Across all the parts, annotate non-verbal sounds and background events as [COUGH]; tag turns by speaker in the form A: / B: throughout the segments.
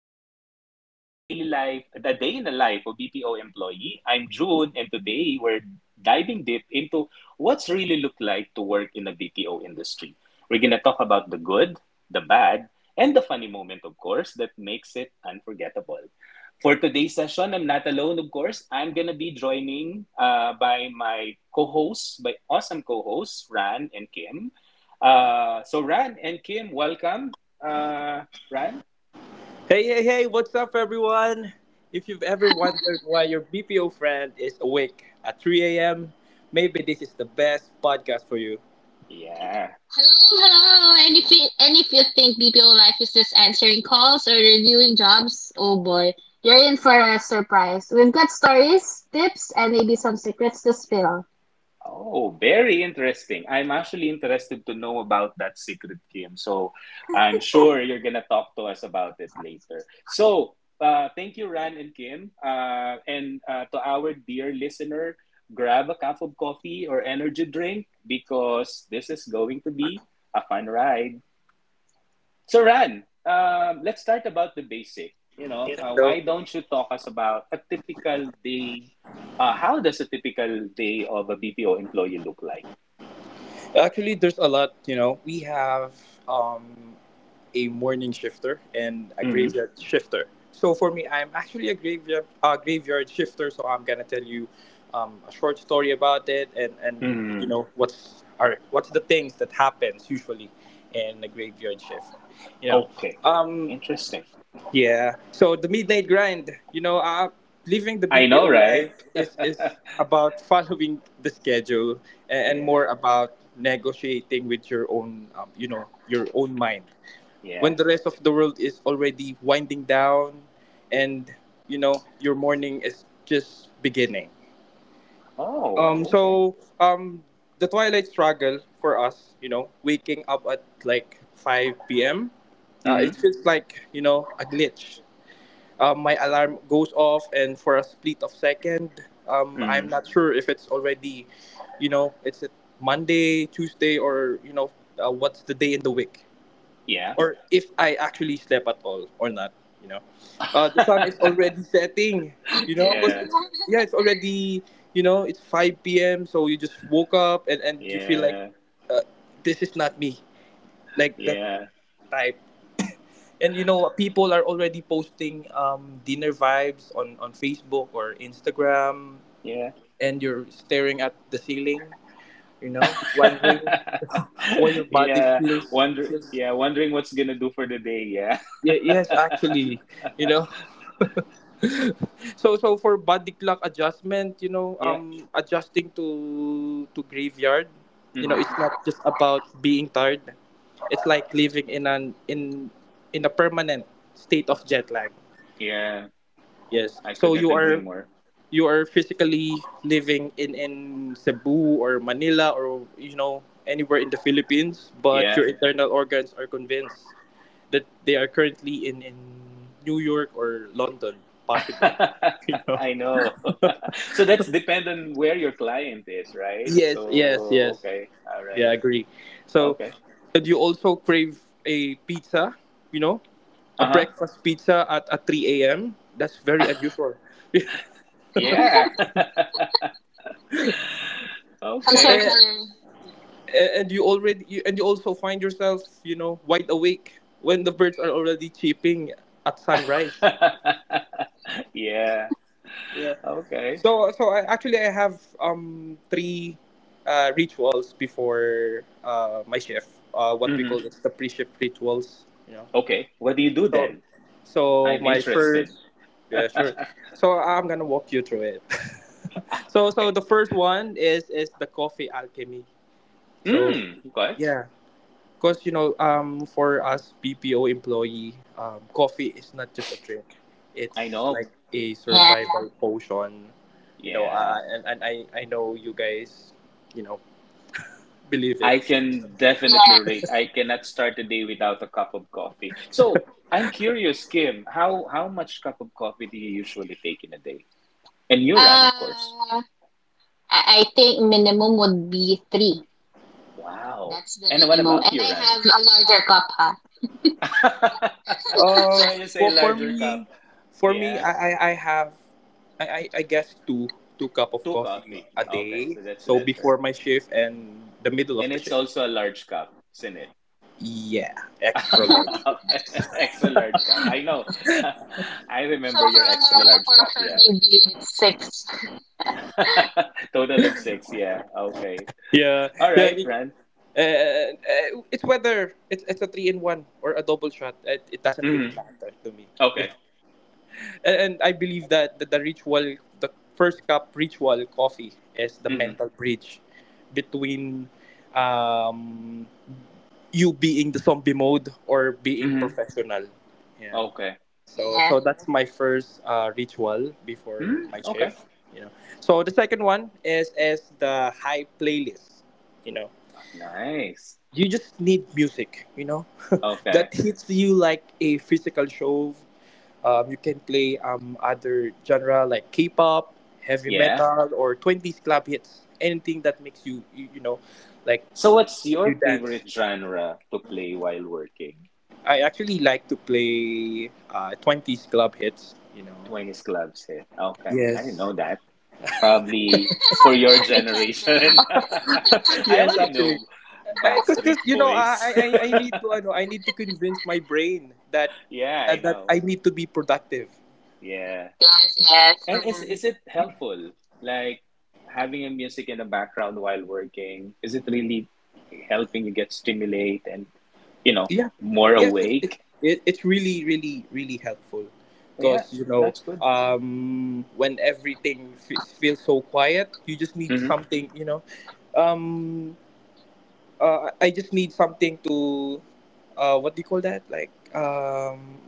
A: welcome to a daily life, the day in the life of BPO employee. I'm June, and today we're diving deep into what's really looked like to work in the BPO industry. We're gonna talk about the good, the bad, and the funny moment, of course, that makes it unforgettable. For today's session, I'm not alone, of course. I'm gonna be joining by my co-hosts, by awesome co-hosts Ran and Kim. So Ran and Kim, welcome. Right?
B: Hey, hey, hey, what's up, everyone? If you've ever wondered why your BPO friend is awake at 3 a.m., maybe this is the best podcast for you.
A: Yeah.
C: Hello, hello. And if you think BPO life is just answering calls or reviewing jobs, oh boy, you're in for a surprise. We've got stories, tips, and maybe some secrets to spill.
A: Oh, very interesting. I'm actually interested to know about that secret game. So I'm sure you're gonna talk to us about it later. So thank you, Ran and Kim. And to our dear listener, grab a cup of coffee or energy drink because this is going to be a fun ride. So Ran, let's start about the basic. You know,
B: So,
A: why don't you talk us about a typical day? How does a typical day of a BPO employee look like?
B: actually, there's a lot. You know, we have um, a morning shifter and a
A: hmm
B: graveyard shifter. So for me, I'm actually a graveyard graveyard shifter. So I'm gonna tell you a short story about it, and you
A: hmm
B: know what's the things that happens usually in a graveyard shift. You know,
A: Okay.
B: um,
A: Interesting.
B: yeah. So the midnight grind, you know, living the
A: I know,
B: BPO life
A: right? [LAUGHS]
B: is about [LAUGHS] following the schedule and
A: Yeah,
B: more about negotiating with your own, you know, your own mind. When
A: yeah.
B: the rest of the world is already winding down, and you know your morning is just beginning.
A: Oh,
B: Um.
A: okay.
B: So um, the twilight struggle for us, you know, waking up at like 5 p.m.
A: hmm
B: It feels like, you know, a glitch. My alarm goes off, and for a split of second, I'm
A: hmm
B: not sure if it's already, you know, it's a Monday, Tuesday, or, you know, what's the day in the week,
A: Yeah.
B: or if I actually slept at all or not, you know. The sun is
A: [LAUGHS]
B: already setting, you know, because
A: Yeah,
B: it's, yeah, it's already, you know, it's 5 p.m, so you just woke up, and you feel like,
A: yeah,
B: uh, this is not me, like that
A: yeah,
B: type. And you know, people are already posting, dinner vibes on, Facebook or Instagram,
A: yeah.
B: and you're staring at the ceiling, you know, wondering
A: [LAUGHS]
B: [LAUGHS] why your body
A: Yeah,
B: feels feels.
A: yeah, wondering what's gonna do for the day. Yeah.
B: Yeah, yes, actually, you know. [LAUGHS] So for body clock adjustment, you know,
A: [LAUGHS] Yeah,
B: adjusting to graveyard, you know,
A: hmm
B: it's not just about being tired. It's like living in an in a permanent state of jet lag.
A: yeah,
B: Yes.
A: I
B: So
A: could not
B: you
A: agree
B: are
A: more.
B: you are physically living in Cebu or Manila, or, you know, anywhere in the Philippines, but
A: Yeah,
B: your internal organs are convinced that they are currently in New York or London,
A: [LAUGHS]
B: possible. [LAUGHS] You know?
A: I know. [LAUGHS] So that's depend on where your client is, right?
B: Yes, yes,
A: So,
B: yes.
A: okay, all
B: Yeah,
A: right,
B: I agree. So,
A: okay.
B: do you also crave a pizza? You know, a
A: Uh-huh.
B: breakfast pizza at 3 a.m. That's very unusual. [LAUGHS]
A: Yeah. [LAUGHS]
C: How's your
A: Okay.
B: Eh,
C: color?
B: and you also find yourself, you know, wide awake when the birds are already chirping at sunrise.
A: [LAUGHS] Yeah. Okay.
B: So actually I have three rituals before my shift, what we
A: hmm
B: call it's the pre-shift rituals.
A: Okay. What do you do
B: so
A: then?
B: so
A: I'm
B: my
A: interested.
B: first, yeah, sure, so I'm gonna walk you through it.
A: Ah,
B: [LAUGHS] So,
A: okay.
B: the first one is the coffee alchemy, so
A: Mm, okay.
B: yeah. Because, you know, for us BPO employee, coffee is not just a drink;
A: I
B: it's
A: know.
B: like a
C: Yeah.
B: survival potion. You know,
A: Yeah.
B: and I know you guys, you know, believe it.
A: I can definitely relate.
C: Yes.
A: I cannot start a day without a cup of coffee. So I'm curious, Kim, how much cup of coffee do you usually take in a day? And Uran, of course.
C: Uh, I think minimum would be three.
A: Wow.
C: That's the
A: And what
C: minimum.
A: about
C: And I
A: Uran?
C: have a larger cup, huh?
A: [LAUGHS]
B: Uh,
A: so when you say
B: for for
A: larger
B: me,
A: cup,
B: for me,
A: yeah,
B: I have, I guess two cup of
A: two
B: coffee
A: coffee.
B: a day.
A: Okay, so that's
B: So before
A: lesser.
B: my shift and the middle of
A: And
B: the
A: it's
B: shift.
A: also a large cup, isn't it?
B: Yeah, extra
A: [LAUGHS]
C: [LAUGHS]
B: large.
A: extra large cup. I know. [LAUGHS] I
C: So
A: remember
C: for
A: your
C: a
A: extra
C: normal
A: large cup,
C: person,
A: yeah.
C: maybe it's six.
A: [LAUGHS] Total of six, yeah. Okay.
B: Yeah,
A: All
B: yeah.
A: right, Ren.
B: And, it's whether it's a three in one or a double shot. It doesn't really
A: hmm
B: matter to me. [LAUGHS]
A: Okay.
B: Yeah. And I believe that the ritual, the first cup ritual coffee, is the
A: hmm
B: mental bridge between, um, you being the zombie mode or being
A: hmm
B: professional. Yeah.
A: Okay.
C: [LAUGHS]
B: So
C: Yeah.
B: so that's my first ritual before
A: mm
B: my
A: Okay.
B: shift. You know. So the second one is the high playlist. You know,
A: Nice.
B: you just need music, you know, [LAUGHS] that
A: Okay.
B: hits you like a physical shove. You can play, other genre like k-pop, heavy
A: Yeah.
B: metal, or 20s club hits, anything that makes you, you know, like,
A: So what's your
B: you dance.
A: favorite genre to play while working?
B: I actually like to play 20s club hits, you know.
A: 20s clubs hit. Okay. I didn't
B: Yes.
A: know that. Probably for your
C: [LAUGHS] We can't
A: generation.
C: relate.
B: [LAUGHS]
A: [LAUGHS] I
B: Yes,
A: only
C: [LAUGHS]
B: actually,
A: know
B: because
A: Backstreet
B: you know,
A: Boys.
B: I know I need to convince my brain that
A: [LAUGHS] yeah,
B: uh,
A: I
B: that
A: know.
B: I need to be productive.
A: Yeah.
C: Yes, yes.
A: And
C: Mhm.
A: is it helpful, like having a music in the background while working? Is it really helping you get stimulate and you know
B: Yeah,
A: more
B: yes, it's it's
A: awake?
B: it, it's really, really, really helpful,
A: But yeah,
B: because, you know,
A: that's good.
B: when everything feels so quiet, you just need
A: hmm
B: something, you know. um, I just need something to, what do you call that? Like,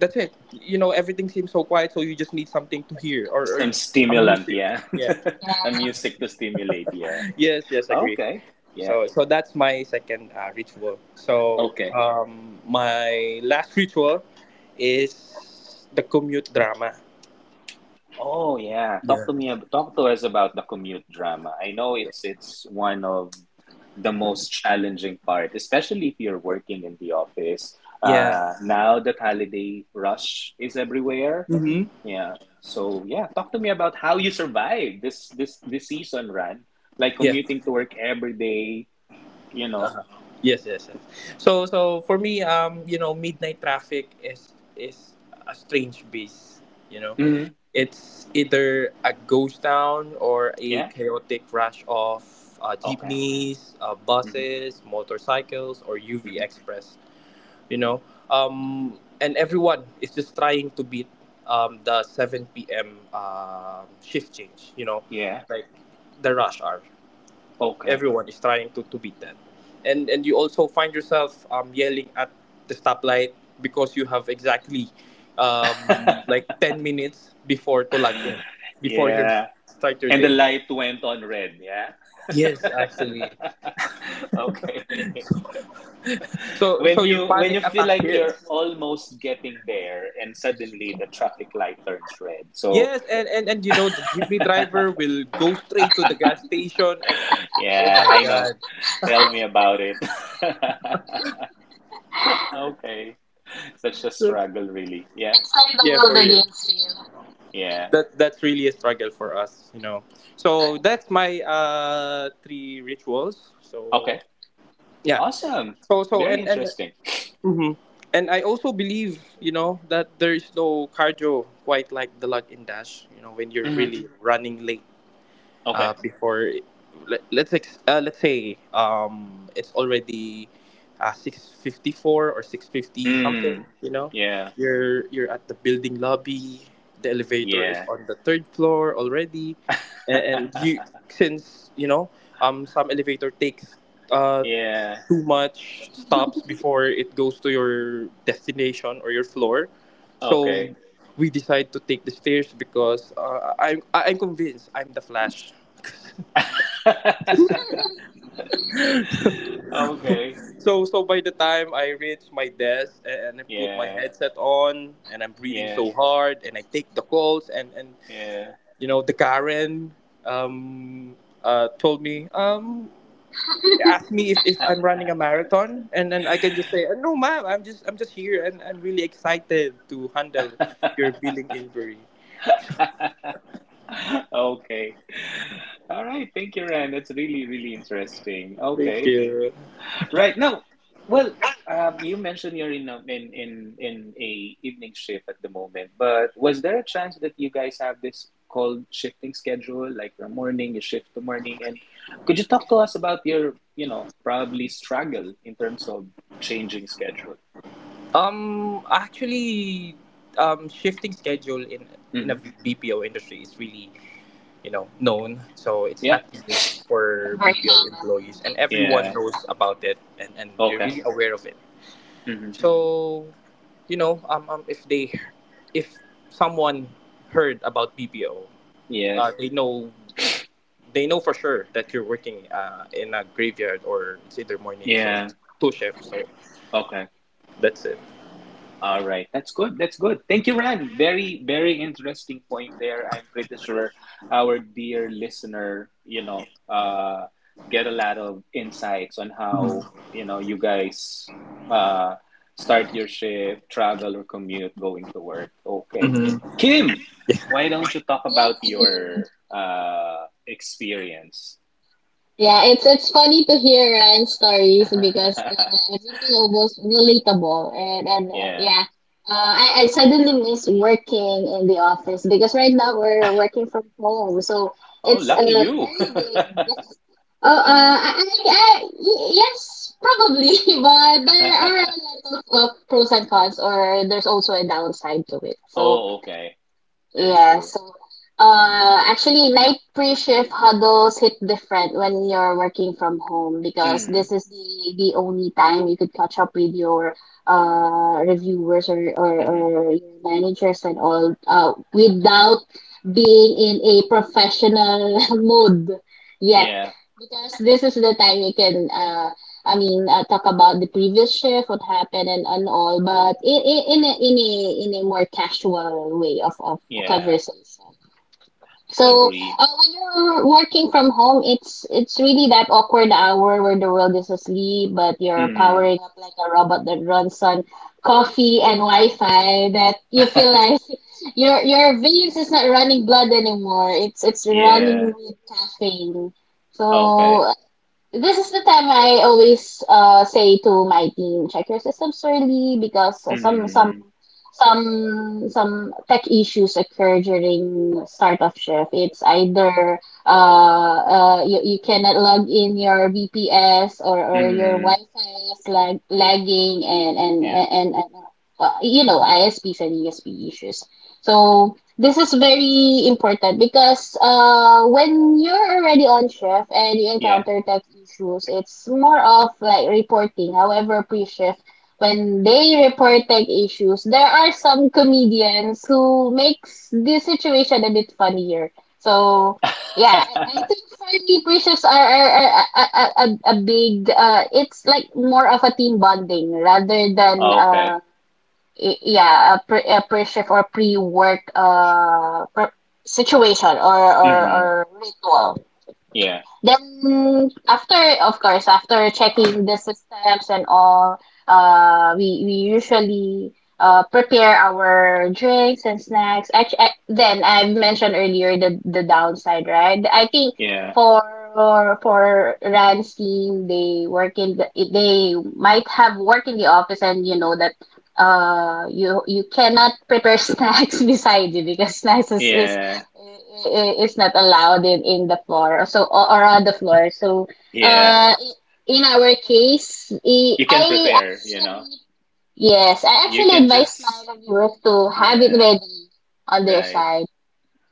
B: that's it. You know, everything seems so quiet, so you just need something to hear, or
A: Some
B: a
A: stimulant,
B: music.
A: yeah,
B: Yeah.
A: [LAUGHS]
B: [LAUGHS]
A: a
C: Yeah.
A: music to stimulate, yeah.
B: Yes. Yes. Agree.
A: Okay, yeah,
B: So, that's my second ritual. So,
A: okay.
B: um, my last ritual is the commute drama.
A: Oh yeah, talk
B: Yeah.
A: to me. Talk to us about the commute drama. I know it's one of the most challenging part, especially if you're working in the office.
B: Yeah.
A: Now that holiday rush is everywhere.
B: Mm-hmm.
A: Yeah. So yeah, talk to me about how you survived this season, Ran. Like
B: Yeah.
A: commuting to work every day. You know.
B: Uh-huh. Yes, yes, yes. So, for me, you know, midnight traffic is a strange beast. You know,
A: hmm
B: it's either a ghost town or a
A: Yeah.
B: chaotic rush of
A: Okay.
B: jeepneys,
A: hmm
B: buses, motorcycles, or UV
A: hmm
B: Express. You know, and everyone is just trying to beat, the 7 p.m shift change, you know,
A: Yeah.
B: like the rush hour.
A: Okay.
B: Everyone is trying to beat that, and you also find yourself, yelling at the stoplight, because you have exactly,
A: [LAUGHS]
B: like, 10 minutes before to log in, before you
A: yeah.
B: start your
A: And the
B: day.
A: light went on red. Yeah. [LAUGHS]
B: Yes, actually,
A: [LAUGHS] Okay.
B: so
A: When
B: so your
A: you
B: panic
A: feel
B: attack
A: like you're
B: hits.
A: almost getting there and suddenly the traffic light turns red. So,
B: Yes, and, you know, the jeepney driver will go straight to the gas station, and, oh
A: yeah,
B: my
A: I know.
B: god.
C: [LAUGHS]
A: Tell me about it. [LAUGHS] Okay. Such a
B: So,
A: struggle really. Yeah.
C: It's like the
B: yeah, for
C: world
B: real.
C: against you.
A: Yeah.
B: That's really a struggle for us, you know. So that's my three rituals. So,
A: Okay.
B: yeah.
A: Awesome.
B: So,
A: Very
B: and
A: interesting.
B: mhm. And I also believe, you know, that there is no cardio quite like the lug in dash, you know, when you're
A: hmm
B: really running late.
A: Okay.
B: Before, let's say, it's already, 6:54 or 6:50 something,
A: Hmm.
B: you know.
A: Yeah.
B: You're at the building lobby. The elevator is
A: Yeah.
B: on the third floor already, and, and you
A: [LAUGHS]
B: since, you know, some elevator takes, uh
A: Yeah.
B: too much stops before it goes to your destination or your floor,
A: Okay.
B: so we decide to take the stairs because, I'm convinced I'm the Flash.
A: [LAUGHS] Okay.
B: So by the time I reach my desk, and I put my
A: Yeah.
B: headset on, and I'm breathing
A: Yeah.
B: so hard, and I take the calls, and
A: Yeah.
B: you know, the Karen, told me asked
C: [LAUGHS]
B: me if I'm running a
A: [LAUGHS]
B: marathon, and then I can just say, No, ma'am, I'm just, I'm just here, and I'm really excited to handle your billing inquiry."
A: Okay. All right. Thank you, Ryan. That's really, really interesting. Okay.
B: Thank you.
A: Right. Now, well, you mentioned you're in a evening shift at the moment, but was there a chance that you guys have this called shifting schedule, like from morning you shift to morning, and could you talk to us about your, you know, probably struggle in terms of changing schedule?
B: Actually, shifting schedule in a
A: Mm-hmm.
B: BPO industry is really, you know, known, so it's
A: Yeah.
B: not new for
C: Very
B: BPO
C: common.
B: employees,
C: Mm-hmm.
B: and everyone
A: Yeah.
B: knows about it, and they're
A: Okay.
B: really aware of it,
A: Mm-hmm.
B: so you know, if someone heard about BPO,
A: Yeah.
B: uh, they know they know for sure that you're working, in a graveyard, or it's either morning, so
A: Yeah.
B: it's two shifts, so
A: Okay.
B: that's it.
A: All right, that's good. That's good. Thank you, Ran. Very, very interesting point there. I'm pretty sure our dear listener, you know, get a lot of insights on how
B: Mhm.
A: you know you guys uh, start your shift, travel, or commute going to work. Okay,
B: Mhm.
A: Kim, why don't you talk
C: Yes,
A: about
C: you.
A: your experience?
C: Yeah, it's funny to hear Ryan's stories because
A: [LAUGHS]
C: everything almost relatable and
A: yeah.
C: yeah, I suddenly miss working in the office because right now we're working from home, so
A: Oh,
C: it's a
A: lucky you.
C: very big.
A: [LAUGHS]
C: Oh, yes, probably, [LAUGHS] but there are a lot of pros and cons, or there's also a downside to it. So
A: oh, okay. Very
C: yeah,
A: true.
C: so actually, night pre-shift huddles hit different when you're working from home because
A: hmm
C: this is the only time you could catch up with your reviewers or or,
A: hmm
C: or your managers and all without being in a professional [LAUGHS] mode yet,
A: Yeah.
C: because this is the time you can I mean, talk about the previous shift, what happened, and all, but in a more casual way of
A: Yeah.
C: conversation. So
A: Agree.
C: when you're working from home, it's really that awkward hour where the world is asleep, but you're
A: hmm
C: powering up like a robot that runs on coffee and Wi-Fi. That you feel like
A: [LAUGHS]
C: [LAUGHS] your veins is not running blood anymore. It's running
A: Yeah.
C: with caffeine.
A: Okay.
C: So this is the time I always say to my team, check your systems early because some some
A: hmm
C: some some tech issues occur during start of shift. It's either you cannot log in your VPS or your
A: hmm
C: Wi-Fi is lagging and and
A: Yeah.
C: and, and, and ISPs and ESP issues. So this is very important because when you're already on shift and you
A: Yeah.
C: encounter tech issues, it's more of like reporting. However, pre shift, when they report tech issues, there are some comedians who makes this situation a bit funnier. So yeah, I
A: [LAUGHS]
C: think for me, pre shifts are a big. It's like more of a team bonding rather than
A: Okay.
C: yeah, a pre-shift or pre-work pre situation or or
A: hmm
C: or ritual.
A: Yeah.
C: Then after, of course, after checking the systems and all, we usually prepare our drinks and snacks. Actually, then I mentioned earlier the downside, right? I think
A: Yeah.
C: for for Rand's team, they work they might have work in the office, and you know that you cannot prepare [LAUGHS] snacks beside you, because snacks is, is
A: Yeah.
C: i- is not allowed in the floor, so or on the floor, so
A: Yeah.
C: uh in our case
A: You can
C: I
A: prepare, you know.
C: actually, yes, I
A: You
C: actually
A: can
C: advise
A: just,
C: my reviewers to have it
A: yeah,
C: ready on their
A: right.
C: side.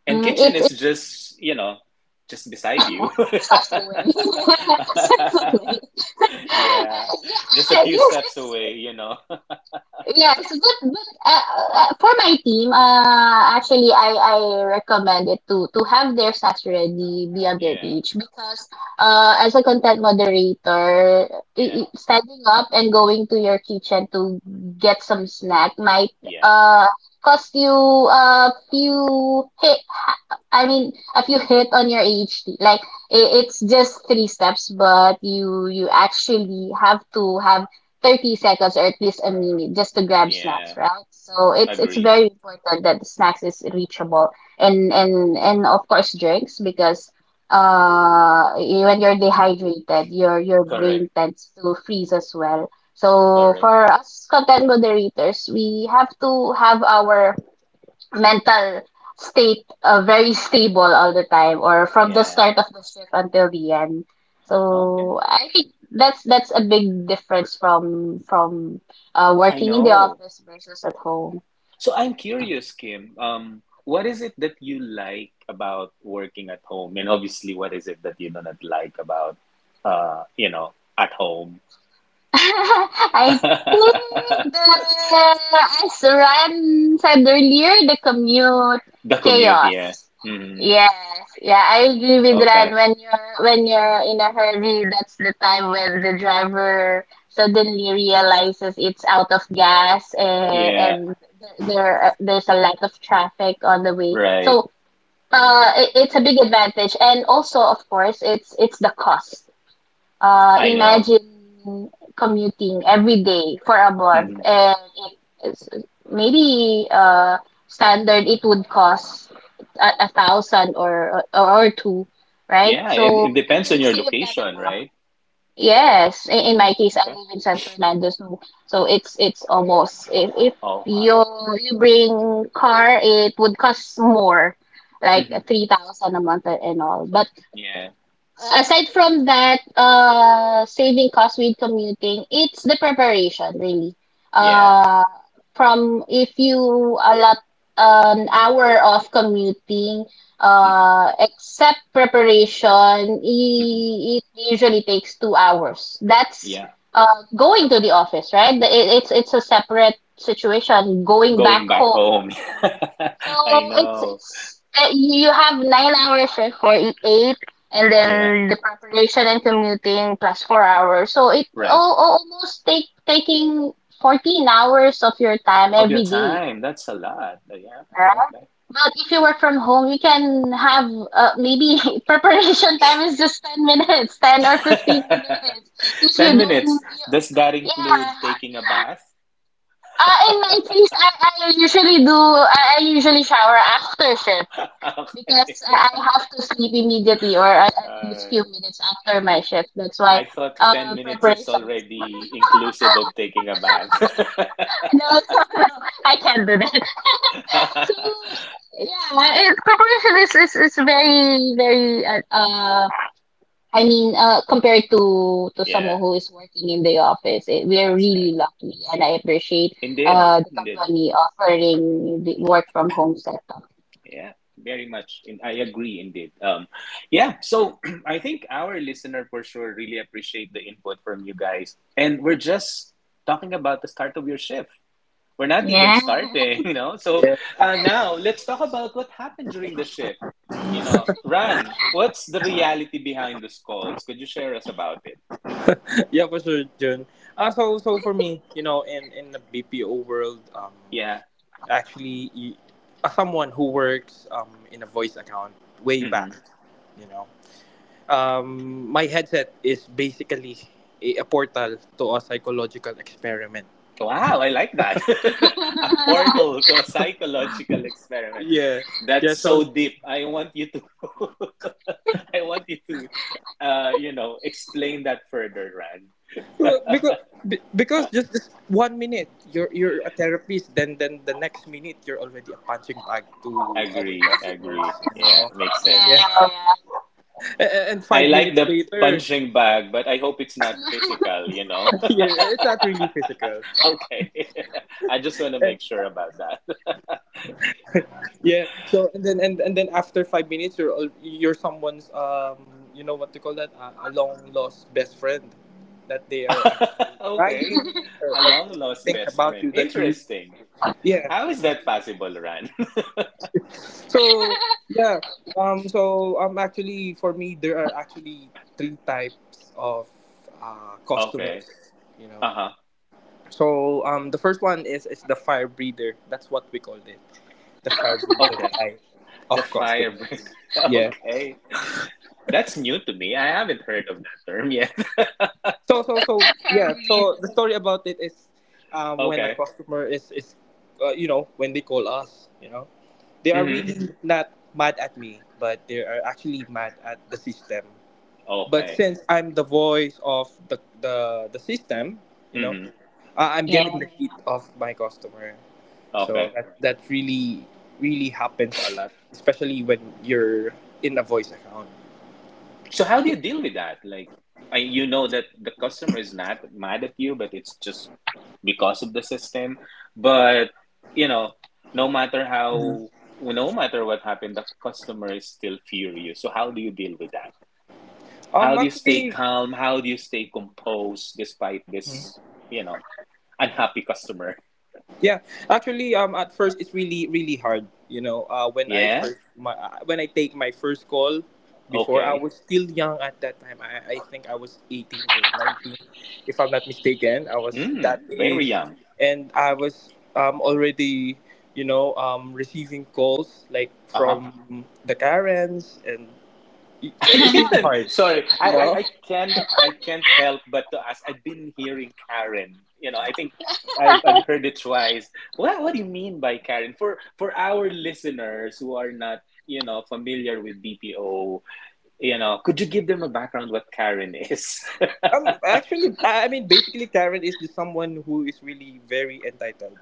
A: And kitchen is
C: It's
A: just, you know, just beside you.
C: such Such a
A: [LAUGHS]
C: way. [LAUGHS] Such a way. [LAUGHS]
A: Yeah.
C: uh, yes
A: Just a few steps away, you know. [LAUGHS]
C: Yes, but for my team, actually, I recommend it to have their stats ready beyond their
A: Yeah.
C: reach, because as a content moderator,
A: Yeah.
C: standing up and going to your kitchen to get some snack might
A: Yeah,
C: uh cost you a few hit. I mean, a few hit on your AHT. Like it's just three steps, but you actually have to have 30 seconds or at least a minute just to grab snacks,
A: yeah,
C: right? So it's
A: agree.
C: very important that the snacks is reachable, and of course drinks, because when you're dehydrated, your
A: Correct,
C: brain tends to freeze as well. So
A: correct.
C: for us content moderators, we have to have our mental state very stable all the time, or from the
A: Yeah,
C: start of the shift until the end. So
A: okay.
C: I think that's a big difference from
A: I
C: working in the
A: know.
C: office versus at home.
A: So I'm curious, Kim. What is it that you like about working at home? And obviously, what is it that you do not like about, you know, at home?
C: [LAUGHS] I think
A: [LAUGHS]
C: the as Ran said earlier, the commute
A: The commute, yeah.
C: chaos.
A: hmm
C: Yes, yeah, I agree with Ran.
A: Okay.
C: When you're in a hurry, that's the time when the driver suddenly realizes it's out of gas, and
A: Yeah,
C: there's a lot of traffic on the way.
A: right.
C: So it's a big advantage, and also of course it's the cost.
A: I know.
C: Imagine commuting every day for a month,
A: hmm
C: and it's maybe standard it would cost a thousand, or two, right?
A: Yeah, and it
C: So you
A: depends on
C: can
A: your
C: save that
A: location,
C: amount.
A: right?
C: Yes, in
A: hmm
C: my case, I
A: Okay.
C: live in San Fernando, so it's almost, if
A: Oh, huh.
C: you you bring car, it would cost more, like
A: hmm
C: 3,000 a month and all. But
A: Yeah,
C: aside from that, saving costs with commuting, it's the preparation really.
A: yeah.
C: Uh, from, if you allot an hour of commuting,
A: hmm
C: except preparation,
A: hmm
C: it usually takes 2 hours. That's
A: Yeah,
C: going to the office, right? It's a separate situation. Going
A: going
C: back
A: back
C: home,
A: home. [LAUGHS]
C: so
A: I
C: it's
A: know.
C: it's you have 9 hours shift for eight, and
A: Yeah,
C: then the preparation and commuting plus 4 hours. So it
A: right.
C: all almost take taking 14 hours of your time
A: Of your
C: every day.
A: time, that's a lot. Yeah,
C: Right?
A: okay.
C: But if you work from home, you can have maybe [LAUGHS] preparation time is just 10 minutes, 10 or 15 minutes.
A: [LAUGHS]
C: If
A: 10
C: you don't,
A: minutes.
C: you,
A: Does that include
C: yeah.
A: taking a bath?
C: In my case, I usually shower after shift,
A: [LAUGHS] okay.
C: because I have to sleep immediately, or at least few
A: Uh,
C: minutes after my shift. That's why
A: I thought 10 minutes is
C: preparation. [LAUGHS]
A: already inclusive of taking a bath.
C: No, [LAUGHS] no, no, I can't do that. [LAUGHS] So yeah, preparation is very I mean compared to
A: [LAUGHS] yeah,
C: someone who is working in the office, we are
A: that's
C: really
A: nice.
C: lucky, and I appreciate
A: Indeed,
C: the
A: indeed.
C: company offering the work from home setup.
A: Yeah, very much. And I agree indeed. Yeah, so [CLEARS THROAT] I think our listener for sure really appreciate the input from you guys. And we're just talking about the start of your shift. We're not even
C: Yeah.
A: starting, [LAUGHS] you know. So
B: Yes,
A: now
B: actually.
A: let's talk about what happened during the shift. You know, Ran, what's the reality behind the calls? Could you share us about it?
B: [LAUGHS] Yeah, for sure, June. So for me, you know, in the BPO world,
A: Yeah.
B: actually y- someone who works, in a voice account way back,
A: Mm-hmm.
B: you know, my headset is basically a portal to a psychological experiment.
A: Wow, I like that. [LAUGHS] a portal to a psychological experiment.
B: Yeah, yeah,
A: That's
B: so,
A: so deep. I want you to [LAUGHS] I want you to you know, explain that further, Ran.
B: because because just this one minute, you're a therapist, then the next minute, you're already a punching bag to our
A: Agree, agree.
B: customers, you
A: Yeah,
B: know.
A: makes
B: Yeah.
A: sense.
C: Yeah. Yeah.
B: And
A: I
B: five
A: like
B: minutes
A: the
B: later.
A: punching bag, but I hope it's not physical, you know.
B: [LAUGHS] Yeah, it's not really physical.
A: [LAUGHS] okay. [LAUGHS] I just want to make sure about
B: Yeah. So, and then after 5 minutes, you're someone's, you know what to call that, a long lost best friend, that they are
A: that.
B: actually
A: [LAUGHS] okay.
B: crying, or,
A: A
B: or
A: long
B: telling
A: lost
B: things
A: best
B: about
A: friend.
B: you.
A: Interesting.
B: Yeah.
A: How is that possible, Ran?
B: So, yeah. Actually, for me, there are actually three types of
A: [LAUGHS] okay.
B: customers. You know.
A: Uh-huh.
B: So, the first one is the fire breather. That's what we called it. The fire breather
A: Okay.
B: type
A: The
B: of
A: fire breath.
B: customers.
A: [LAUGHS]
B: Yeah.
A: Okay. That's new to me. I haven't heard of that term yet. [LAUGHS]
B: So, yeah. So the story about it is, when a
A: Okay.
B: customer is, you know, when they call us, you know, they are
A: Mm-hmm.
B: really, Mhm, not mad at me, but they are actually mad at the system. But
A: Okay.
B: since I'm the voice of the system, you know,
A: Mm-hmm.
B: I'm
C: Yeah.
B: getting the heat of my customer. So
A: Okay.
B: that really really happens a lot, especially when you're in a voice account.
A: So how do you deal with that? Like, I, you know that the customer is not mad at you, but it's just because of the system. But, you know, no matter how, no matter what happened, the customer is still furious. So how do you deal with that? How do you stay
B: Actually.
A: calm? How do you stay composed despite this, you know? Unhappy customer.
B: Yeah, actually, at first it's really really hard. You know,
A: Yeah.
B: when I take my first call, before I
A: Okay.
B: was still young at that time. I think I was 18 or 19, if I'm not mistaken. I was
A: Mm,
B: that
A: very
B: age,
A: young.
B: and I was, already, you know, receiving calls like
A: Uh
B: from
A: huh.
B: the Karens, and
A: [LAUGHS] I
B: it's really
A: can't.
B: hard.
A: Sorry,
B: You know,
A: I can't. I can't help but to ask. I've been hearing Karen. You know, I think I've heard it twice. What do you mean by Karen? For our listeners who are not, you know, familiar with BPO, you know, could you give them a background what Karen is?
B: actually, I mean, basically, Karen is just someone who is really very entitled.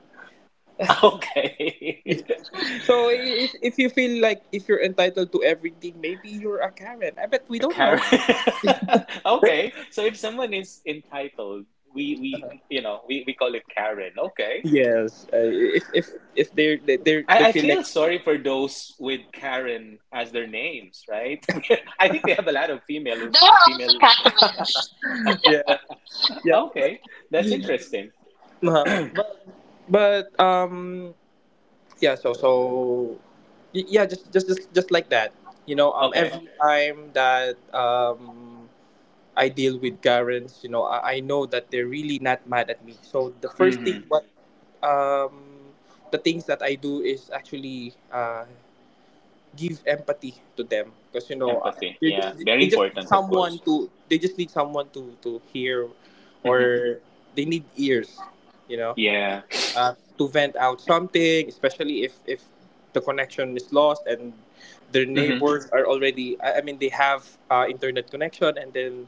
A: [LAUGHS] okay. [LAUGHS]
B: So if you feel like, if you're entitled to everything, maybe you're a Karen. I bet we
A: A
B: don't
A: Karen.
B: know.
A: [LAUGHS] okay, so if someone is entitled, we you know we call it Karen. Okay,
B: Yes, if they're they
A: I
B: feel
A: feel
B: like.
A: sorry for those with Karen as their names, right? [LAUGHS] I think we have a lot of female who's
C: Though
A: female.
B: [LAUGHS] yeah yeah,
A: Okay, that's
B: You- you-
A: interesting.
B: uh-huh. but yeah so so y- yeah just like that. You know,
A: Okay,
B: every, okay, time that I deal with Karens, you know, I know that they're really not mad at me, so the first
A: mm-hmm.
B: thing, what um the things that I do is actually give empathy to them, because, you know,
A: Empathy,
B: they
A: yeah,
B: just
A: very important, of course.
B: need someone to hear,
A: Mm-hmm.
B: or they need ears, you know,
A: Yeah,
B: to vent out something, especially if the connection is lost and their
A: mm-hmm.
B: neighbors are already, I mean, they have internet connection, and then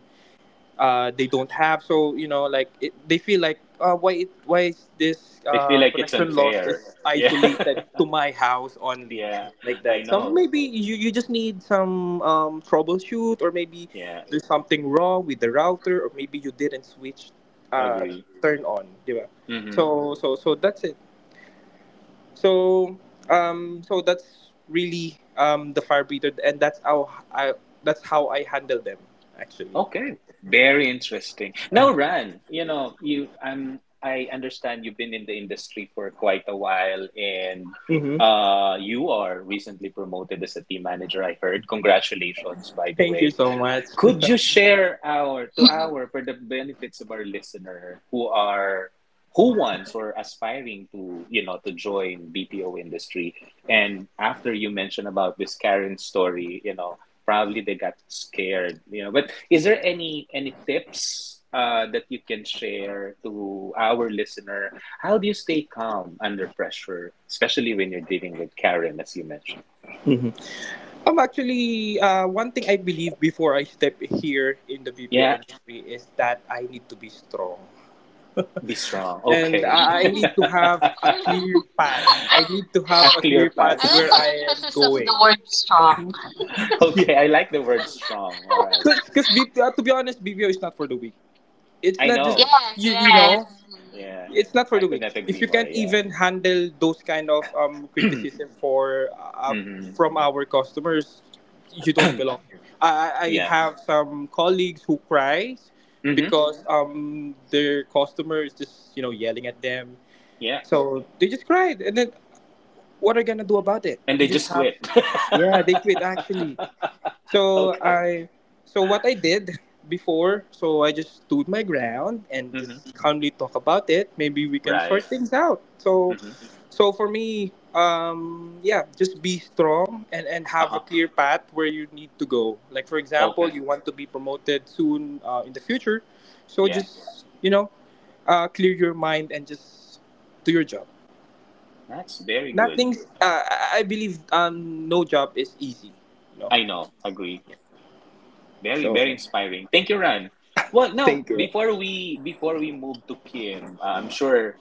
B: they don't have. So, you know, like it, they feel like, why it, why is this,
A: They feel like it's
B: connection loss
A: unfair.
B: is
A: Yeah, [LAUGHS]
B: isolated to my house only,
A: yeah,
B: like
A: I
B: that. So
A: know.
B: maybe you, you just need some, troubleshoot, or maybe
A: Yeah,
B: there's something wrong with the router, or maybe you didn't switch, uh,
A: agree.
B: turn on, diba?
A: Mm-hmm.
B: So that's it. So so that's really the fire breather, and that's how I handle them actually.
A: Okay, very interesting.
B: Uh-huh.
A: Now, Ran, you know, you I'm I understand you've been in the industry for quite a while and you are recently promoted as a team manager, I heard. Congratulations, by the
B: Thank you
A: way.
B: so much. [LAUGHS]
A: Could you share our for the benefits of our listener who are who wants or aspiring to you know to join BPO industry and after you mentioned about this Karen story you know probably they got scared you know but is there any tips that you can share to our listener how do you stay calm under pressure especially when you're dealing with Karen as you mentioned
B: Mhm. Actually, one thing I believe before I step here in the BPO
A: yeah
B: industry is that I need to be strong.
A: be strong
B: And
A: okay
B: I need
A: [LAUGHS]
B: to have a clear path. I need to have
A: a
B: a clear
A: clear path
B: path
C: I like
B: where
C: the
A: [LAUGHS]
B: I am
C: emphasis of the
B: going.
C: word strong.
B: [LAUGHS] Yeah.
A: Okay, I like the word strong. All right.
B: Because to be honest, BPO is not for the weak. It's
A: I
B: not just,
A: know.
B: you, you know,
A: Yeah.
B: it's not for
A: I
B: the
A: could
B: weak.
A: not
B: If
A: agree
B: you
A: more.
B: can't
A: Yeah.
B: even handle those kind of,
A: [CLEARS THROAT]
B: criticism for
A: hmm
B: from our customers, you don't belong here. I
A: Yeah.
B: have some colleagues who cries
A: hmm
B: because, their customer is just, you know, yelling at them,
A: Yeah.
B: so they just cried. And then what are you gonna do about it?
A: And
B: You
A: they
B: just
A: just
B: have.
A: quit.
B: Yeah, they quit actually.
A: [LAUGHS]
B: So
A: okay.
B: I, so what I did before, so I just stood my ground and
A: hmm
B: just calmly talk about it. Maybe we can
A: Right.
B: sort things out. So,
A: hmm
B: for me, yeah, just be strong and have a
A: Uh-huh.
B: clear path where you need to go. Like for example,
A: Okay.
B: you want to be promoted soon, in the future, so
A: Yeah.
B: just, you know, clear your mind and just do your job.
A: That's very good.
B: Nothing's. I believe, no job is easy. You know.
A: I know. Agree. Very,
B: So,
A: very inspiring. Thank you, Ran. Well, now
B: thank you.
A: before we move to Kim, I'm sure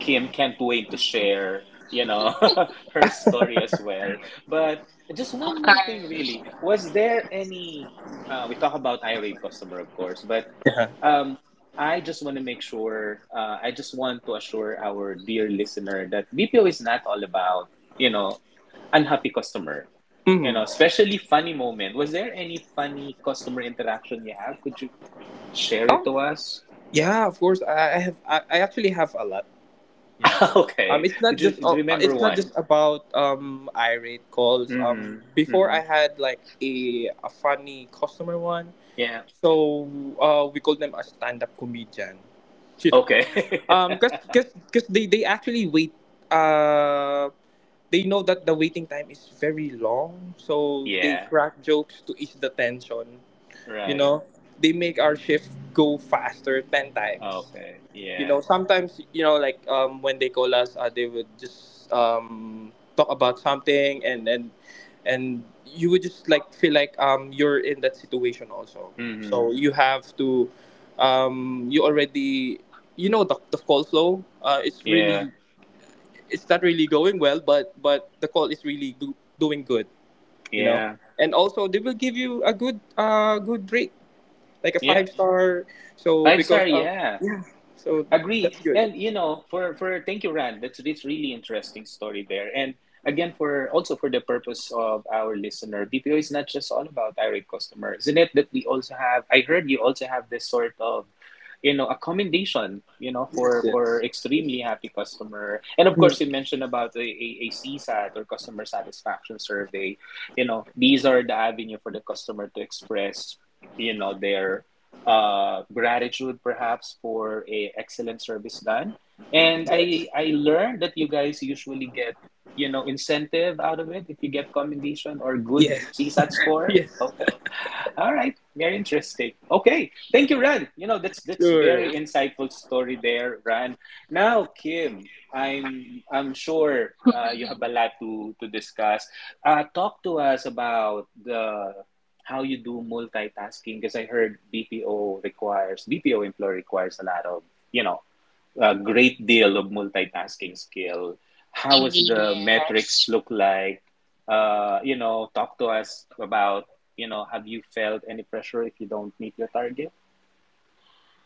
A: Kim can't wait to share, you know, [LAUGHS] her story as well. But just one more thing, really. Was there any? We talk about irate customer, of course, but
B: Yeah.
A: um, I just want to make sure. I just want to assure our dear listener that BPO is not all about, you know, unhappy customer. You
B: Hmm.
A: know, especially funny moment. Was there any funny customer interaction you have? Could you share it
B: Oh,
A: to us?
B: yeah. Of course, I have. I actually have a lot. You know,
A: [LAUGHS] okay.
B: it's not
A: Could you
B: just.
A: do you remember
B: It's not
A: one?
B: just about irate calls.
A: hmm
B: Before
A: hmm
B: I had like a funny customer one,
A: Yeah.
B: so, we call them a stand up comedian. Shit.
A: Okay.
B: 'Cause they actually wait. Uh, they know that the waiting time is very long,
A: [LAUGHS]
B: so they
A: yeah.
B: crack jokes to ease the tension. You
A: Right.
B: know, they make our shift go faster 10 times.
A: Okay. Yeah.
B: Sometimes, you know, like, when they call us, they would just, talk about something, and and you would just like feel like, you're in that situation also.
A: hmm
B: So you have to, you already, you know, the call flow, it's
A: Yeah.
B: really, it's not really going well, but the call is really doing good, you know.
A: Yeah.
B: And also they will give you a good, good rate, like a
A: Yeah.
B: five star. So
A: Five
B: because
A: star.
B: of,
A: Yeah.
B: yeah, so
A: Agree.
B: that's good.
A: And you know, for thank you, Rand. That's this really interesting story there. And again, for also for the purpose of our listener, BPO is not just all about irate customer, isn't it? That we also have. I heard you also have this sort of, you know, accommodation, you know,
B: Yes,
A: for
B: yes,
A: extremely happy customer. And of course, you mentioned about a CSAT or customer satisfaction survey. You know, these are the avenue for the customer to express. You know their gratitude perhaps for a excellent service done. And I
B: yes,
A: I learned that you guys usually get incentive out of it if you get commendation or good
B: yes,
A: CSAT
B: [LAUGHS]
A: score.
B: yes.
A: Okay, all right, very interesting. Okay, thank you, Ran. You know that's
B: Sure.
A: very insightful story there, Ran. Now, Kim, I'm sure you have a lot to discuss. Talk to us about the how you do multitasking because I heard BPO requires BPO employer requires a lot of you know a great deal of multitasking skill. How was
C: Indeed,
A: the metrics
C: yes.
A: look like? You know, talk to us about you know, have you felt any pressure if you don't meet your target?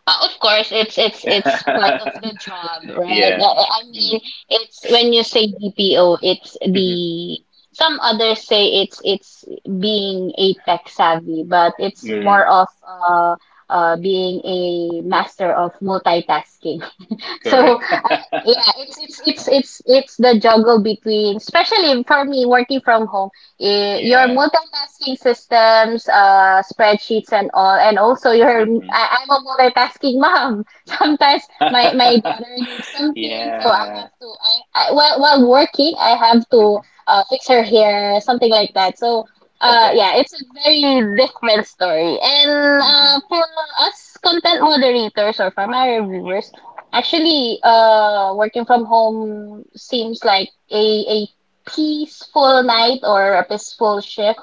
C: Of course, it's it's
A: [LAUGHS]
C: it's part of the job, right?
A: Yeah.
C: I
A: Mm.
C: mean, it's when you say BPO, it's
A: Mhm.
C: the some others say it's being a tech savvy, but it's more
A: Mm.
C: of being a master of multitasking. [LAUGHS] So
A: Correct. [LAUGHS]
C: yeah, it's the juggle between, especially for me working from home, your
A: Yeah.
C: multitasking systems, spreadsheets and all, and also your
A: Mm-mm.
C: I'm a multitasking mom. [LAUGHS] Sometimes my daughter needs
A: [LAUGHS]
C: something, so I
A: Yeah.
C: have to I while working, I have to
A: Hmm.
C: fix her hair, something like that. So.
A: Okay.
C: Yeah, it's a very different story. And
A: Hmm.
C: for us content moderators or for my reviewers, actually, working from home seems like a peaceful night or a peaceful shift,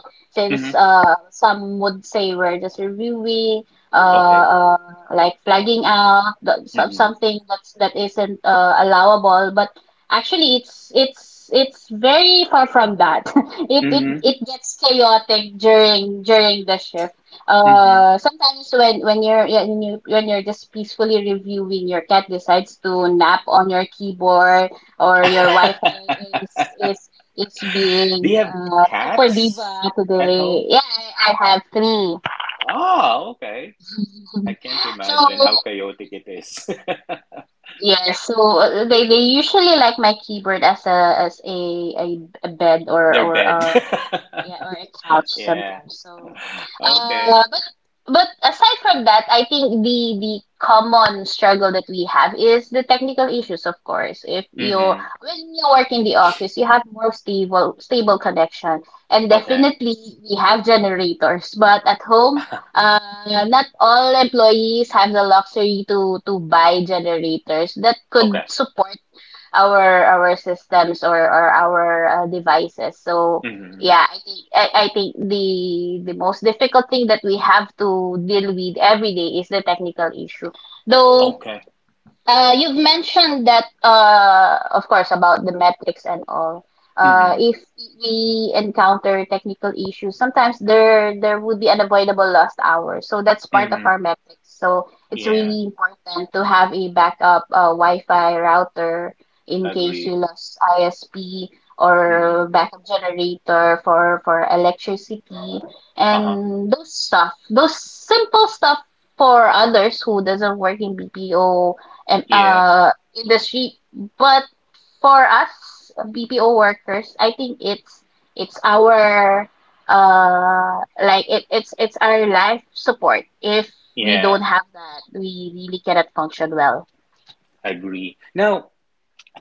A: Hmm.
C: since some would say we're just reviewing uh,
A: Okay.
C: uh like flagging out
A: Hmm.
C: something that isn't allowable, but actually it's very far from that. [LAUGHS] it it
A: Hmm.
C: it gets chaotic during the shift.
A: Hmm.
C: Sometimes when you're just peacefully reviewing, your cat decides to nap on your keyboard, or your
A: [LAUGHS]
C: Wi-Fi is
A: Do
C: being
A: you have
C: super
A: cats
C: diva
A: at home?
C: today. Yeah, I have three.
A: Oh, okay. I can't
C: So
A: imagine how chaotic it is. [LAUGHS]
C: yes, so they usually like my keyboard as a, a bed or
A: Their
C: or
A: bed.
C: a couch
A: [LAUGHS] Yeah.
C: sometimes. So,
A: Okay.
C: but aside from that, I think the common struggle that we have is the technical issues. Of course, if you
A: Mm-hmm.
C: when you work in the office, you have more stable connection, and
A: Okay.
C: definitely we have generators. But at home,
A: [LAUGHS]
C: not all employees have the luxury to buy generators that could
A: Okay.
C: support our systems, or our devices. So
A: Mm-hmm.
C: yeah, I think the most difficult thing that we have to deal with every day is the technical issue. Though
A: Okay.
C: You've mentioned that, of course, about the metrics and all.
A: Mm-hmm.
C: If we encounter technical issues, sometimes there would be unavoidable lost hours. So that's part of
A: Mm-hmm.
C: our metrics. So it's
A: Yeah.
C: really important to have a backup Wi-Fi router in case you
A: Agree.
C: lose ISP,
A: Mm-hmm.
C: or backup generator for electricity,
A: Uh-huh.
C: and those stuff, those simple stuff for others who doesn't work in BPO and
A: Yeah.
C: industry. But for us BPO workers, I think it's our like it's our life support. If we don't
A: Yeah.
C: have that, we really cannot function well.
A: Agree. Now,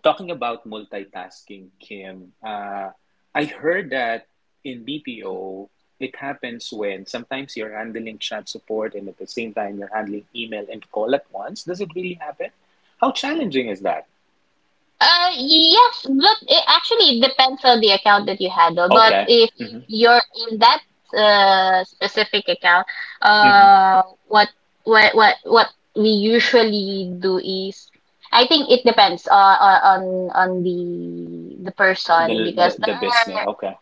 A: talking about multitasking, Kim, I heard that in BPO, it happens when sometimes you're handling chat support and at the same time you're handling email and call at once. Does it really happen? How challenging is that?
C: Yes, but it actually it depends on the account that you handle. But
A: Okay.
C: if
A: Hmm.
C: you're in that specific account,
A: Hmm.
C: uh, what what we usually do is, I think it depends on the
A: The,
C: person because there
A: the business.
C: are,
A: Okay.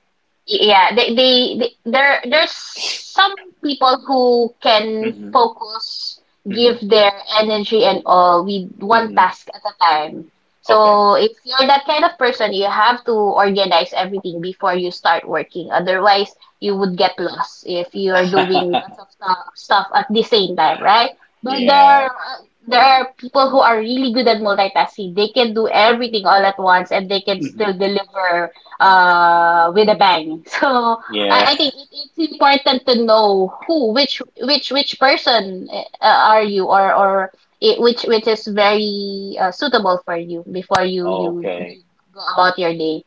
C: yeah, they there's some people who can
A: Hmm.
C: focus,
A: Hmm.
C: give their energy and all with one
A: Hmm.
C: task at a time.
A: Okay.
C: So if you're that kind of person, you have to organize everything before you start working, otherwise you would get lost if you are doing lots of stuff at the same time, right? But
A: Yeah.
C: there are people who are really good at multitasking. They can do everything all at once and they can
A: Hmm.
C: still deliver with a bang. [LAUGHS] So
A: Yeah.
C: I think it's important to know which person are you, or it, which is very suitable for you before
A: [LAUGHS]
C: you
A: Okay.
C: go about your day.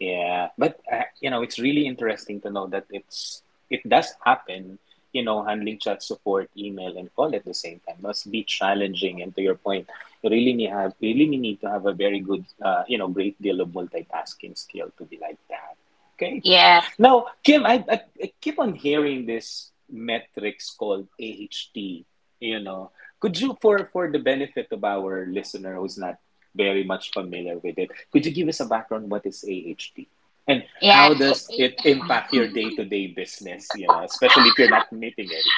A: Yeah, but you know, it's really interesting to know that it does happen. You know, handling chat support, email, and call at the same time must be challenging. And to your point, you really need have really need to have a very good, you know, great deal of multitasking skill to be like that. Okay.
C: Yeah,
A: Now, Kim, I keep on hearing this metrics called AHT. You know, could you, for the benefit of our listener who's not very much familiar with it, could you give us a background what is AHT and
C: yeah.
A: how does it impact your day to day business? You know, especially if you're not meeting it.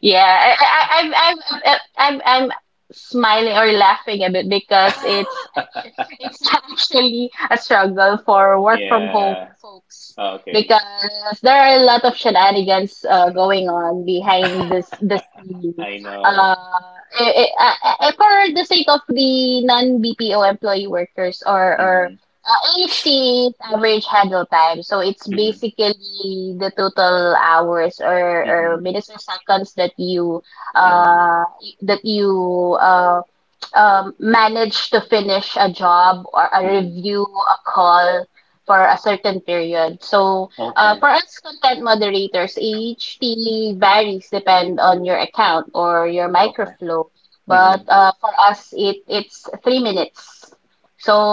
C: Yeah, I'm smiling or laughing a bit because it's actually, it's [LAUGHS] actually a struggle for work from home
A: Yeah.
C: folks
A: Okay.
C: because there are a lot of shenanigans going on
A: [LAUGHS]
C: behind this
A: I
C: the scene.
A: know.
C: Uh, i i for the sake of the non BPO employee workers or.
A: Mm-hmm.
C: AHT is average handle time. So it's
A: Mm-hmm.
C: basically the total hours or
A: Mm-hmm.
C: minutes or seconds that you
A: Mm-hmm.
C: uh that you um manage to finish a job or a
A: Mm-hmm.
C: review, a call for a certain period. So,
A: Okay.
C: for us content moderators, each HT varies depend on your account or your
A: Okay.
C: microflow. But
A: Mm-hmm.
C: for us, it's 3 minutes.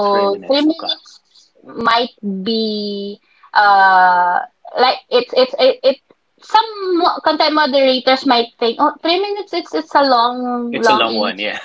A: Three
C: three
A: minutes. Okay.
C: minutes might be uh like it's it, it some content moderators might think, oh, 3 minutes, it's a long,
A: It's a
C: long
A: long
C: E,
A: one, yeah.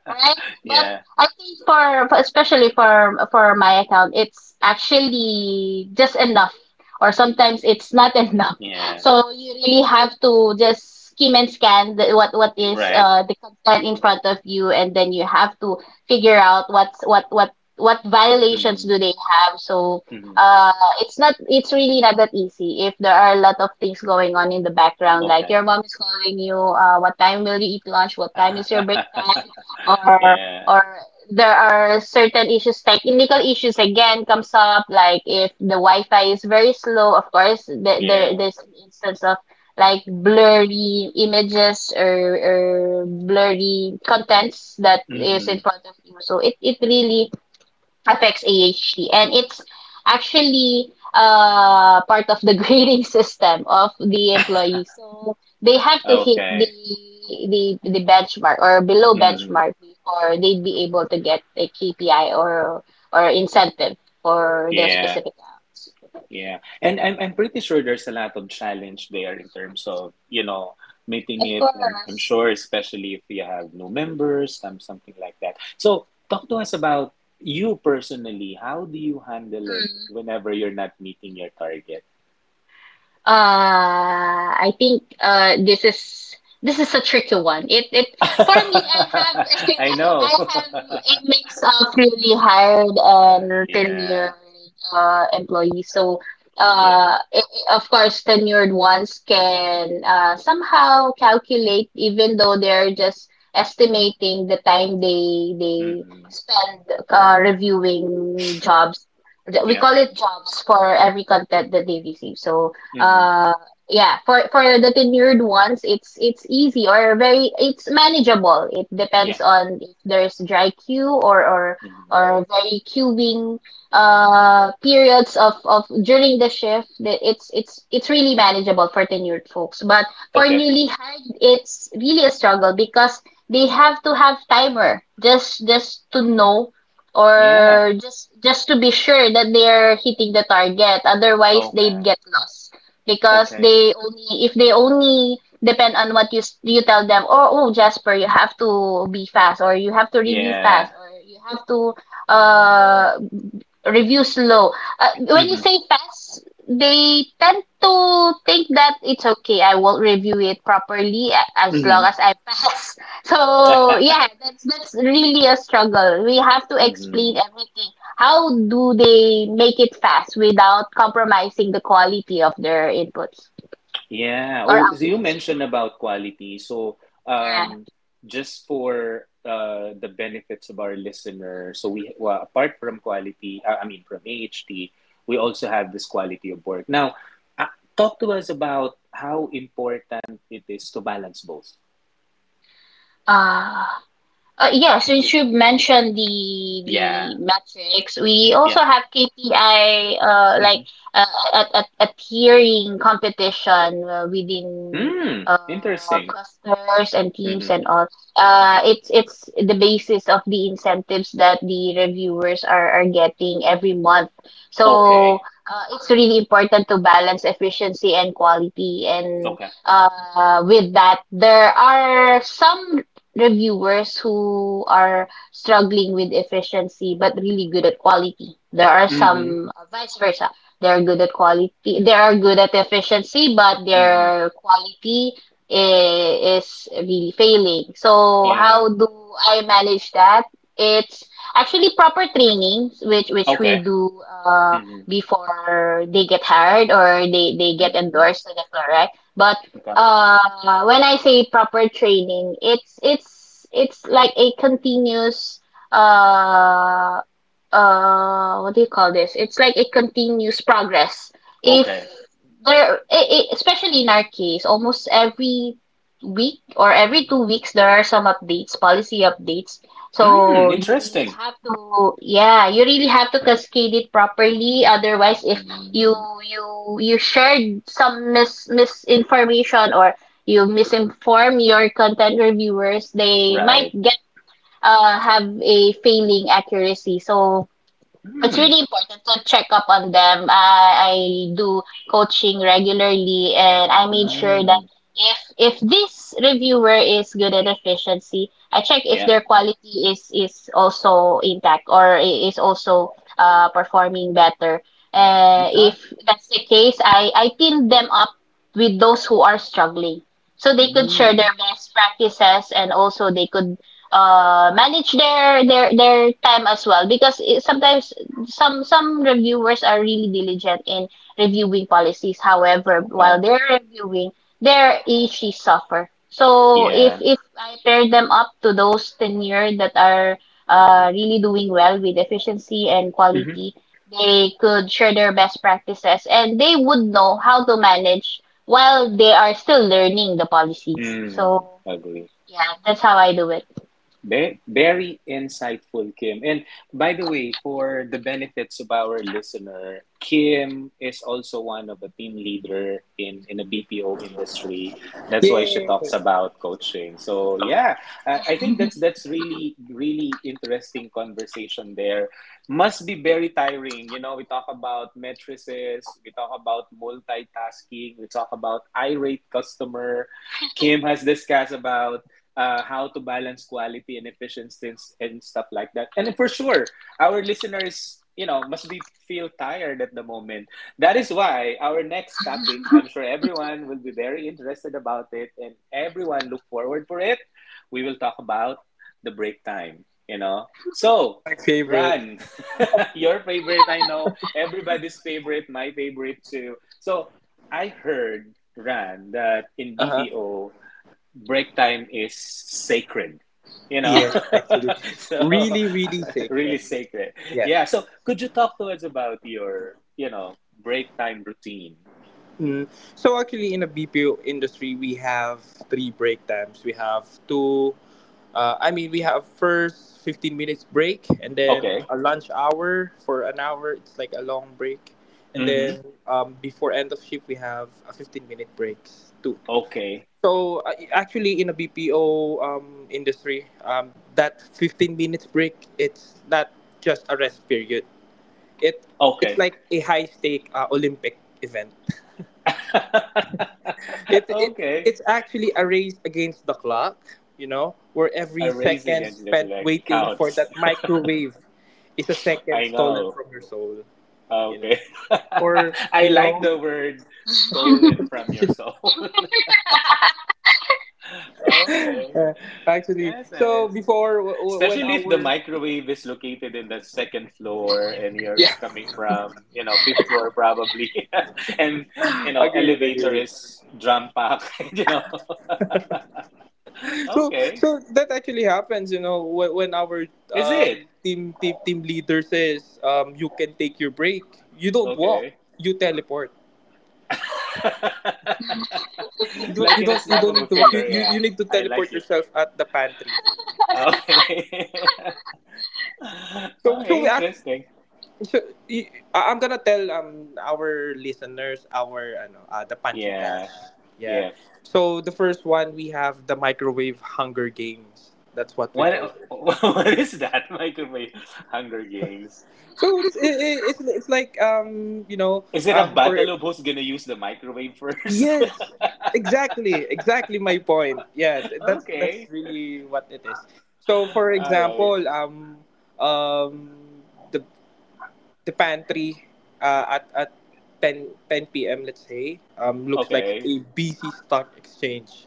A: [LAUGHS]
C: but
A: Yeah,
C: I think for especially for my account, it's actually just enough, or sometimes it's not [LAUGHS] enough.
A: yeah,
C: So you really have to just skim and scan the, what is
A: right.
C: the content in front of you, and then you have to figure out what's what violations
A: Mhm,
C: do they have. So
A: mhm.
C: uh, it's really not that easy if there are a lot of things going on in the background, like your
A: Okay.
C: mom is calling you. What time will you eat lunch? What time is your break time?
A: [LAUGHS]
C: Or
A: Yeah,
C: or there are certain issues, technical issues again comes up, like if the Wi-Fi is very slow, of course,
A: yeah.
C: there's an instance of like blurry images or blurry contents that is in
A: Mhm.
C: front of you. So it really affects AHT. And it's actually part of the [LAUGHS] grading system of the employees. So they have to hit the
A: Okay.
C: the the benchmark or below
A: Mhm.
C: benchmark before they'd be able to get a KPI or incentive for their
A: Yeah,
C: specific acts.
A: yeah. And I'm pretty sure there's a lot of challenge there in terms of, you know,
C: Of
A: meeting it. I'm
C: course.
A: sure especially if you have new members, some something like that. So talk to us about you personally. How do you handle it whenever you're not meeting your target?
C: I think this is a tricky one. It
A: [LAUGHS]
C: For me, I have [LAUGHS]
A: I
C: I
A: know.
C: have a mix of newly hired
A: [LAUGHS]
C: and tenured
A: Yeah.
C: employees. So
A: Yeah.
C: of course, tenured ones can somehow calculate, even though they're just estimating the time they
A: Hmm.
C: spend reviewing jobs. We
A: Yeah.
C: call it jobs for every content that they receive. So,
A: Hmm.
C: uh, yeah, for the tenured ones, it's easy or very it's manageable. It
A: Yeah.
C: depends on if there's dry queue or or
A: Hmm.
C: or very queuing periods of during the shift. It's really manageable for tenured folks, but for
A: Okay.
C: newly hired it's really a struggle because they have to have timer, just to know,
A: Yeah.
C: or just to be sure that they're hitting the target, otherwise they'd
A: Okay.
C: get lost because
A: Okay.
C: they only, if they only depend on what you you tell them, oh, oh, Jasper, you have to be fast, or you have to review
A: Yeah.
C: fast, or you have to uh review slow. When you
A: Hmm.
C: say fast, they tend to think that it's okay, I will review it properly as
A: Hmm.
C: long as I pass. [LAUGHS] So yeah,
A: [LAUGHS]
C: that's really a struggle. We have to explain
A: Hmm.
C: everything. How do they make it fast without compromising the quality of their inputs
A: Yeah.
C: or
A: Oh, so you
C: outputs?
A: mentioned
C: Mm,
A: about quality. So,
C: yeah.
A: um, just for the benefits of our listener, so we well, apart from quality, from AHT, we also have this quality of work. Now, uh, talk to us about how important it is to balance both.
C: Uh, yeah, since you mentioned the
A: Yeah.
C: the metrics, we
A: Yeah.
C: also have KPI
A: Mm-hmm.
C: like, uh, a tiering competition within
A: Mm, interesting.
C: clusters and
A: Mm-hmm.
C: teams and all. It's the basis of the incentives that the reviewers are getting every month.
A: Okay.
C: So it's really important to balance efficiency and quality, and
A: Okay.
C: with that, there are some reviewers who are struggling with efficiency but really good at quality. There are
A: Mm-hmm.
C: some vice versa. They're good at quality. They are good at efficiency, but
A: Mm-hmm.
C: their quality is really failing. So
A: Yeah.
C: how do I manage that? It's actually proper trainings, which we
A: Okay.
C: do
A: Mm-hmm.
C: before they get hired or they get
A: Mm-hmm.
C: endorsed to the floor, right? But
A: Okay.
C: when I say proper training, it's like a continuous, uh what do you call this? It's like a continuous progress. If
A: Okay.
C: there especially in our case, almost every week or every 2 weeks there are some updates, policy updates.
A: Mm,
C: So you really
A: interesting.
C: have to yeah, you really have to cascade it properly. Otherwise, if you
A: Mm,
C: you you shared some misinformation or you misinform your content reviewers, they might
A: right.
C: get have a failing accuracy. So it's
A: Mm,
C: really important to check up on them. I do coaching regularly, and I made sure that
A: mm,
C: if this reviewer is good at efficiency, I check if
A: yeah.
C: their quality is also intact or is also performing better. If
A: Okay.
C: that's the case, I team them up with those who are struggling, so they could share
A: Mm,
C: their best practices and also they could manage their time as well, because sometimes some reviewers are really diligent in reviewing policies. However,
A: okay.
C: while they're reviewing, their issues suffer. So if
A: Yeah.
C: if I pair them up to those tenure that are really doing well with efficiency and
A: Mm-hmm.
C: quality, they could share their best practices and they would know how to manage while they are still learning the policies.
A: Mm,
C: So
A: agree.
C: yeah, that's how I do it.
A: Ve- Very insightful, Kim. And by the way, for the benefits of our listener, Kim is also one of a team leader in the BPO industry. That's why she
B: Yeah.
A: talks about coaching. So yeah, I think that's really really interesting conversation there. Must be very tiring. You know, we talk about matrices, we talk about multitasking, we talk about irate customer. Kim has discussed about how to balance quality and efficiency and stuff like that. And for sure, our listeners, you know, must be feel tired at the moment. That is why our next topic, I'm sure everyone will be very interested about it, and everyone look forward for it. We will talk about the break time. You know,
B: Ah,
A: so
B: my favorite.
A: Ran, [LAUGHS] your favorite. I know everybody's favorite, my favorite too. So I heard, Ran, that in
B: Uh huh.
A: BPO break time is sacred, you know.
B: Yes, actually,
A: [LAUGHS] So
B: really, really
A: [LAUGHS]
B: sacred.
A: really sacred.
B: Yeah.
A: Yeah, so could you talk to us about your, you know, break time routine?
B: Mm. So actually, in the BPO industry, we have three break times. We have two. I mean, we have first 15 minutes break, and then
A: Okay.
B: a lunch hour for an hour. It's like a long break, and
A: Mm-hmm.
B: then, before end of shift, we have a 15 minute breaks too.
A: Okay.
B: So, actually, in a BPO, industry, that 15 minutes break, it's not just a rest period. It it's
A: Okay.
B: like a high stake, Olympic event.
A: [LAUGHS]
B: It it
A: Okay.
B: it's actually a race against the clock, you know, where every
A: A race
B: second
A: against the
B: spent
A: flag
B: waiting for
A: counts.
B: that microwave is a
A: [LAUGHS]
B: second
A: I
B: stolen
A: know.
B: from your soul, you know.
A: Okay.
B: Or
A: [LAUGHS] I
B: you
A: like
B: know,
A: the word stolen from your soul. [LAUGHS] Okay.
B: uh, actually,
A: Yes,
B: so
A: nice.
B: before when
A: Especially if the
B: our,
A: microwave is located in the second floor and you're
B: yeah,
A: coming from, you know, fifth floor probably, [LAUGHS] and you know, elevator is drum packed, [LAUGHS] you know.
B: [LAUGHS]
A: Okay.
B: that actually happens, you know, when our,
A: Is it?
B: team leader says, you can take your break, you don't walk,
A: Okay.
B: you teleport. You
A: [LAUGHS]
B: don't
A: Like in a snap of a
B: need to walk.
A: finger,
B: You,
A: yeah.
B: you need to
A: I like
B: teleport
A: it.
B: yourself at the pantry.
A: Okay. [LAUGHS] Oh,
B: We actually,
A: interesting.
B: so, I- I'm gonna tell our listeners our ano the pantry dash.
A: Yeah,
B: Yeah.
A: yeah.
B: So the first one, we have the microwave hunger games. That's what we call
A: What [LAUGHS]
B: it.
A: what is that? Microwave Hunger Games.
B: So it's, it's like, you know,
A: Is it a battle
B: for,
A: of who's gonna use the microwave first?
B: yes, exactly, exactly my point, yeah,
A: [LAUGHS]
B: that's
A: Okay.
B: really what it is. So for
A: All right.
B: example, um the the pantry, at 10:10 p.m., let's say, looks like
A: Okay.
B: a busy stock exchange.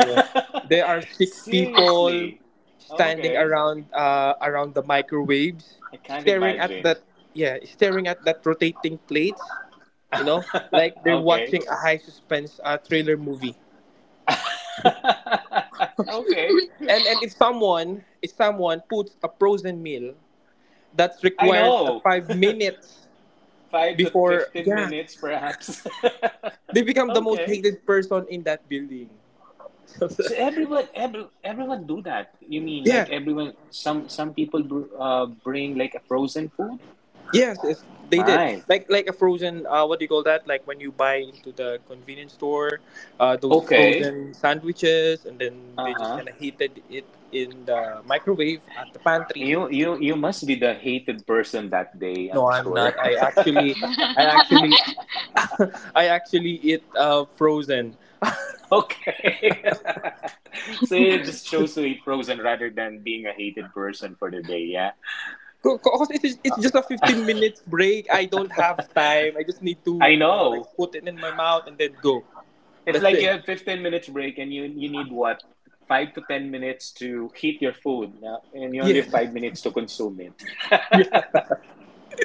B: Yeah. There are six people
A: Seriously.
B: standing
A: Okay.
B: around, around the microwaves,
A: I can't
B: staring at that,
A: imagine. [LAUGHS]
B: yeah, staring at that rotating plates. You know, like they're
A: Okay.
B: watching a high suspense, trailer movie.
A: [LAUGHS] Okay.
B: And if someone, puts a frozen meal that
A: I
B: requires a
A: know.
B: 5 minutes
A: Five to
B: before,
A: 15
B: yeah,
A: minutes, perhaps. [LAUGHS]
B: they become the most
A: Okay.
B: hated person in that building. [LAUGHS] So,
A: So everyone, everyone do that. You mean
B: yeah.
A: like everyone? Some people br bring like a frozen food.
B: Yes, it's, they did.
A: My.
B: Like a frozen, what do you call that? Like when you buy into the convenience store, those
A: Okay.
B: frozen sandwiches, and then they just
A: Uh-huh.
B: kind of heated it in the microwave at the pantry.
A: You you must be the hated person that day,
B: No,
A: I'm
B: I'm
A: sure.
B: not. I
A: [LAUGHS]
B: actually I actually [LAUGHS] I actually eat frozen.
A: Okay. [LAUGHS] So you just chose to eat frozen rather than being a hated person for the day, yeah?
B: Because it's just a 15 minutes break. I don't have time. I just need to,
A: I
B: you know, like
A: know.
B: put it in my mouth and then go.
A: It's
B: That's
A: like you
B: it.
A: have 15 minutes break and you need what? Five to 10 minutes to heat your food, yeah? And you only have
B: Yes.
A: five
B: [LAUGHS]
A: minutes to consume it.
B: Yeah.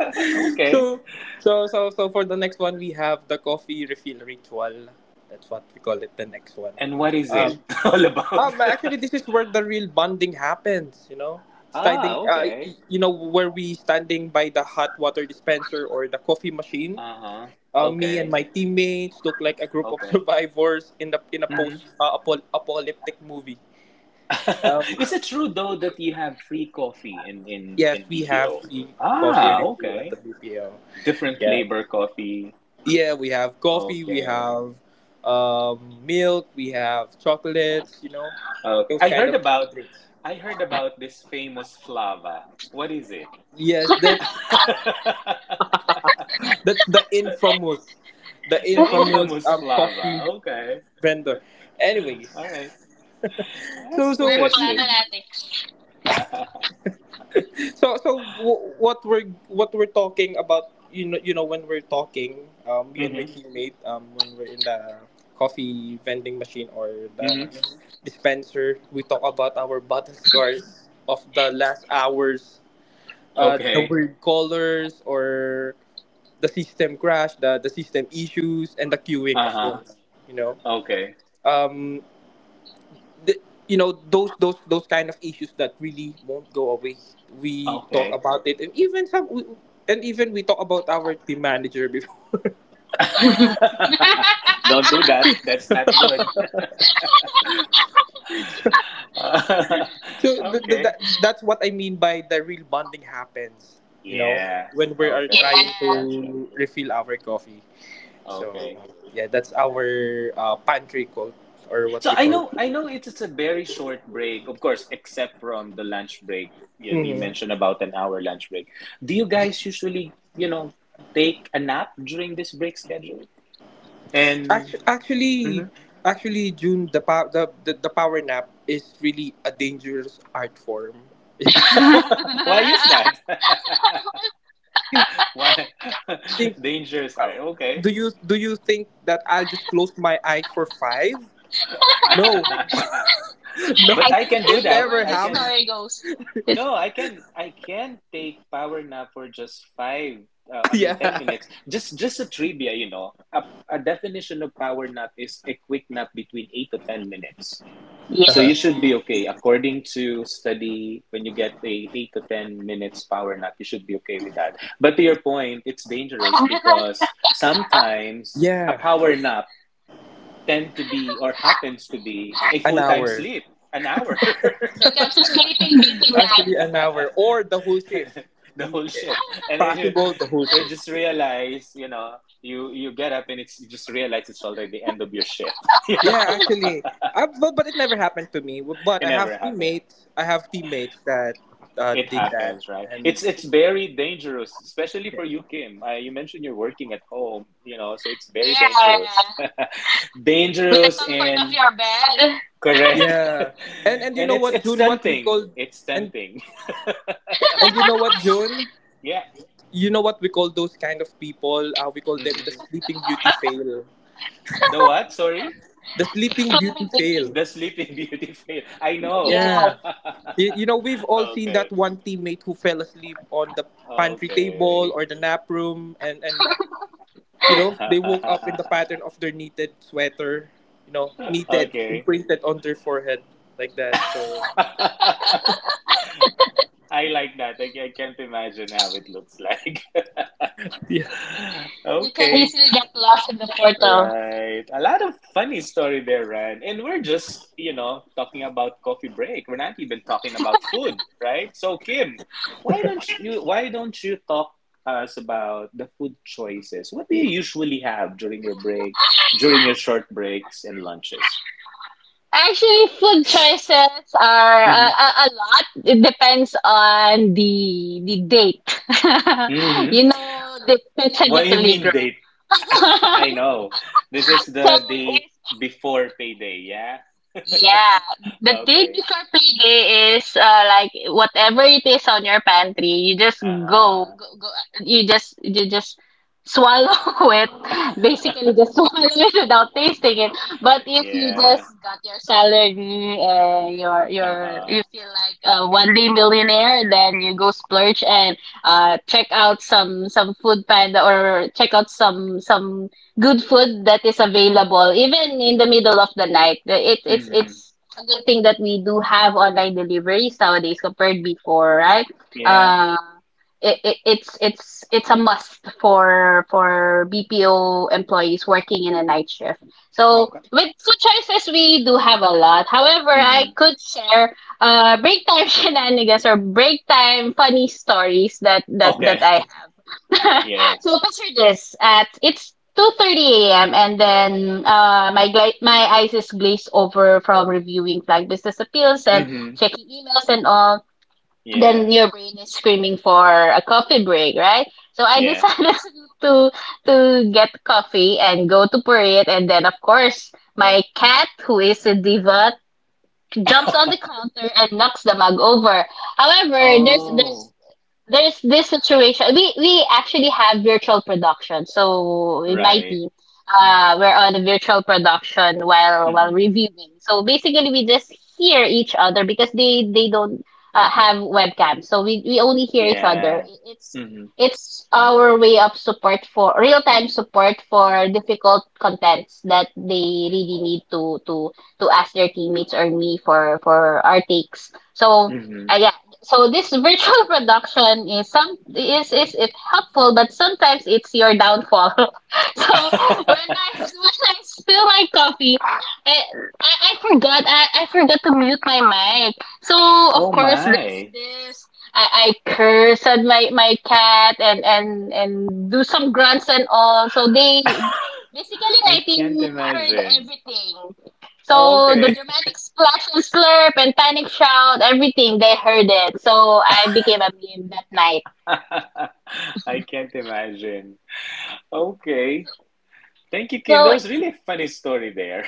A: [LAUGHS] Okay.
B: So so for the next one, we have the coffee refill ritual. That's what we call it, the next one.
A: And what is it
B: Um,
A: [LAUGHS] all about? [LAUGHS]
B: Actually, this is where the real bonding happens, you know.
A: Ah,
B: Standing,
A: okay.
B: you know, where we standing by the hot water dispenser or the coffee machine.
A: Uh-huh.
B: Me and
A: Okay.
B: my teammates look like a group of [LAUGHS]
A: Okay.
B: survivors in the in a post,
A: Mm-hmm.
B: apocalyptic movie. Um,
A: [LAUGHS] Is it true though that you have free coffee in in
B: yes,
A: in
B: we have
A: BPO?
B: the coffee
A: Ah,
B: refill at
A: okay.
B: the BPO.
A: Different
B: Yeah.
A: flavor coffee.
B: Yeah, we have coffee, we
A: Okay.
B: have, milk, we have chocolates, you know,
A: Okay.
B: those kind of, drinks.
A: I heard about this famous flava. What is it?
B: Yes, that's [COUGHS]
A: [LAUGHS]
B: [LAUGHS] that's the infamous, the
A: The
B: infamous,
A: infamous flava.
B: coffee
A: Okay.
B: vendor. Anyways,
A: All right. That's
B: what we did.
A: interesting. [LAUGHS]
B: So what we're talking about, you know, when we're talking, me and my
A: Mm-hmm.
B: teammate, when we're in the coffee vending machine or
A: Mm-hmm.
B: the dispenser, we talk about our battle scars of the last hours, the
A: Okay.
B: weird colors, or the system crash, the system issues, and the queuing, of
A: Uh-huh.
B: course. You know,
A: Okay.
B: um, the, you know, those kind of issues that really won't go away. We talk
A: Okay.
B: about it, and even some, and even we talk about our team manager before.
A: [LAUGHS] Don't do that. That's
B: [LAUGHS]
A: not good. Uh, [LAUGHS]
B: so the, the, that,
A: okay.
B: that's what I mean by the real bonding happens. You know,
A: Yeah.
B: when we are
A: Okay.
B: trying
A: Gotcha.
B: to refill our coffee. So
A: Okay.
B: yeah, that's our, pantry call, or what
A: So
B: we call.
A: I know it's a very short break, of course, except from the lunch break. You mentioned about an hour lunch break. Do you guys usually, you know, take a nap during this break schedule? And
B: Actu- Actually,
A: mhm.
B: actually, June, the power nap is really a dangerous art form.
A: [LAUGHS] Why is that? [LAUGHS] Why
B: You
A: [LAUGHS]
B: think?
A: dangerous? Are
B: uh,
A: okay.
B: do you think that I'll just close my eyes for five? No,
A: [LAUGHS]
B: [LAUGHS]
A: But
B: no,
A: I can do
B: it
A: that.
B: never
A: I
B: happened.
A: can. No, I can take power nap for just five,
B: [LAUGHS] Yeah,
A: 10 minutes. Just a trivia, you know. A definition of power nap is a quick nap between 8 to 10 minutes. So you
B: uh-huh.
A: should be okay. According to study, when you get a 8 to 10 minutes power nap, you should be okay with that. But to your point, it's dangerous because sometimes a
B: Yeah,
A: power nap tend to be or happens to be a
B: an
A: full-time
B: hour.
A: sleep, an hour. [LAUGHS]
B: [LAUGHS] Actually, an hour or the whole
A: [LAUGHS]
B: shift.
A: The
B: Mm,
A: whole
B: eh,
A: ship. And then you,
B: possible the whole
A: you
B: shift.
A: just realize, you know, you get up and it's you just realize it's already the end of your shift. [LAUGHS] You know,
B: Yeah, actually, but it never happened to me. But
A: it
B: I
A: never
B: have
A: happened.
B: teammates. I have teammates that,
A: It
B: did that,
A: happens, right?
B: and
A: It's very dangerous, especially for you, Kim. You mentioned you're working at home, you know, so it's very dangerous, [LAUGHS] dangerous and correct,
B: yeah, and
A: [LAUGHS]
B: you
A: and
B: know what,
A: it's
B: June? What we
A: tempting.
B: call.
A: It's
B: And
A: tempting. [LAUGHS]
B: and You know what, June?
A: Yeah.
B: You know what we call those kind of people? We call them
A: Hmm.
B: the Sleeping Beauty fail.
A: The what? Sorry.
B: The Sleeping Beauty fail.
A: The Sleeping [LAUGHS] Beauty film. I know.
B: Yeah. You know, we've
A: [LAUGHS]
B: all seen that
A: Okay.
B: one teammate who fell asleep on the pantry table
A: Okay.
B: or the nap room, and you know, they woke
A: [LAUGHS]
B: up in the pattern of their knitted sweater, you know, knitted,
A: Okay.
B: imprinted on their forehead, like that.
A: [LAUGHS]
B: So,
A: I like that. I can't imagine how it looks like.
B: yeah.
A: [LAUGHS] Okay. Right. A lot of funny story there, Ryan. And we're just, you know, talking about coffee break. We're not even talking about food, right? So, Kim, why don't you talk us about the food choices? What do you usually have during your break, during your short breaks and lunches? Hmm.
C: [LAUGHS]
A: Hmm. What do you mean date? [LAUGHS] I know. This is the date before payday, yeah? [LAUGHS]
C: Yeah, the day
A: Okay.
C: before payday is like, whatever it is on your pantry, you just go,
A: Uh-huh.
C: go, go, you just swallow [LAUGHS] it, basically
A: [LAUGHS]
C: just [LAUGHS] swallow it without tasting it. But if you just
A: Yeah.
C: got your salary, you
A: Uh-huh.
C: feel like a one day millionaire, then you go splurge and check out some food panda, or check out some good food that is available even in the middle of the night.
A: Hmm.
C: It's a good thing that we do have online deliveries nowadays compared before, right?
A: Yeah.
C: Uh, it, it, it's a must for BPO employees working in a night shift. So
A: Okay.
C: with food choices, we do have a lot. However, I
A: Hmm.
C: could share break time [LAUGHS] shenanigans or break time funny stories that that that I
A: Okay. [LAUGHS] Yeah.
C: [LAUGHS] So picture this. At it's 2:30 a.m. and then my eyes is glazed over from reviewing flag business appeals and
A: Hmm.
C: checking emails and all.
A: Yeah.
C: Then your brain is screaming for a coffee break, right? So I
A: Yeah.
C: decided [LAUGHS] to get coffee and go to Purit, and then, of course, my cat, who is a diva, jumps on the
A: [LAUGHS]
C: counter and knocks the mug over. However,
A: Oh. K-
C: there's this situation. We actually have virtual production. So in my
A: right.
C: team, we're on a virtual production while
A: Hmm.
C: reviewing. So basically, we just hear each other because they don't have webcam. So we only hear each other.
A: Yeah.
C: I- It's
A: Hmm.
C: it's our way of support, for real time support for difficult contents that they really need to to ask their teammates or me for our takes. So.
A: Hmm.
C: I so this virtual production is it helpful, but sometimes it's your downfall. [LAUGHS] So when i
A: [LAUGHS]
C: when I spill my coffee, i I forgot, I forgot to mute my mic. So, of
A: Oh
C: course, there's
A: my.
C: this. I curse at my cat and and do some grunts and all, so they basically
A: [LAUGHS] I
C: my
A: can't
C: team heard
A: imagine.
C: everything, so the
A: Okay.
C: dramatic splash and slurp and panic shout, everything, they heard it. So I became a meme that night.
A: [LAUGHS] I can't imagine. Okay. Thank you, Kim.
C: So
A: That was
C: it's,
A: really a funny story there.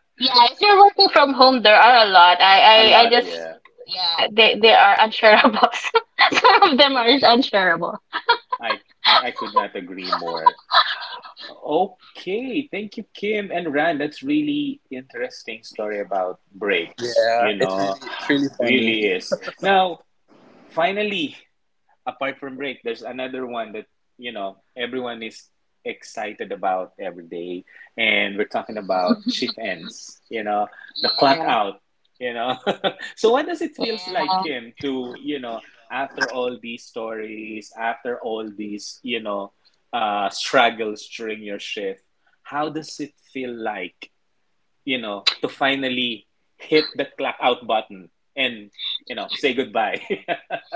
A: [LAUGHS]
C: yeah, if you're working from home, there are a lot.
A: A
C: I, I
A: lot,
C: just,
A: yeah.
C: yeah, they are unshareables. [LAUGHS] Some of them are unshareable.
A: I, I could not agree more. Okay, thank you, Kim and Ran. That's really interesting story about breaks,
B: Yeah,
A: you
B: it's really
A: know.
B: funny.
A: Really is. Now, finally, apart from break, there's another one that you know everyone is excited about every day, and we're talking about shift ends. You know, the clock out. You know, [LAUGHS] so what does it feels like, Kim, to after all these stories, after all these struggles during your shift, how does it feel like to finally hit the clock out button and say goodbye?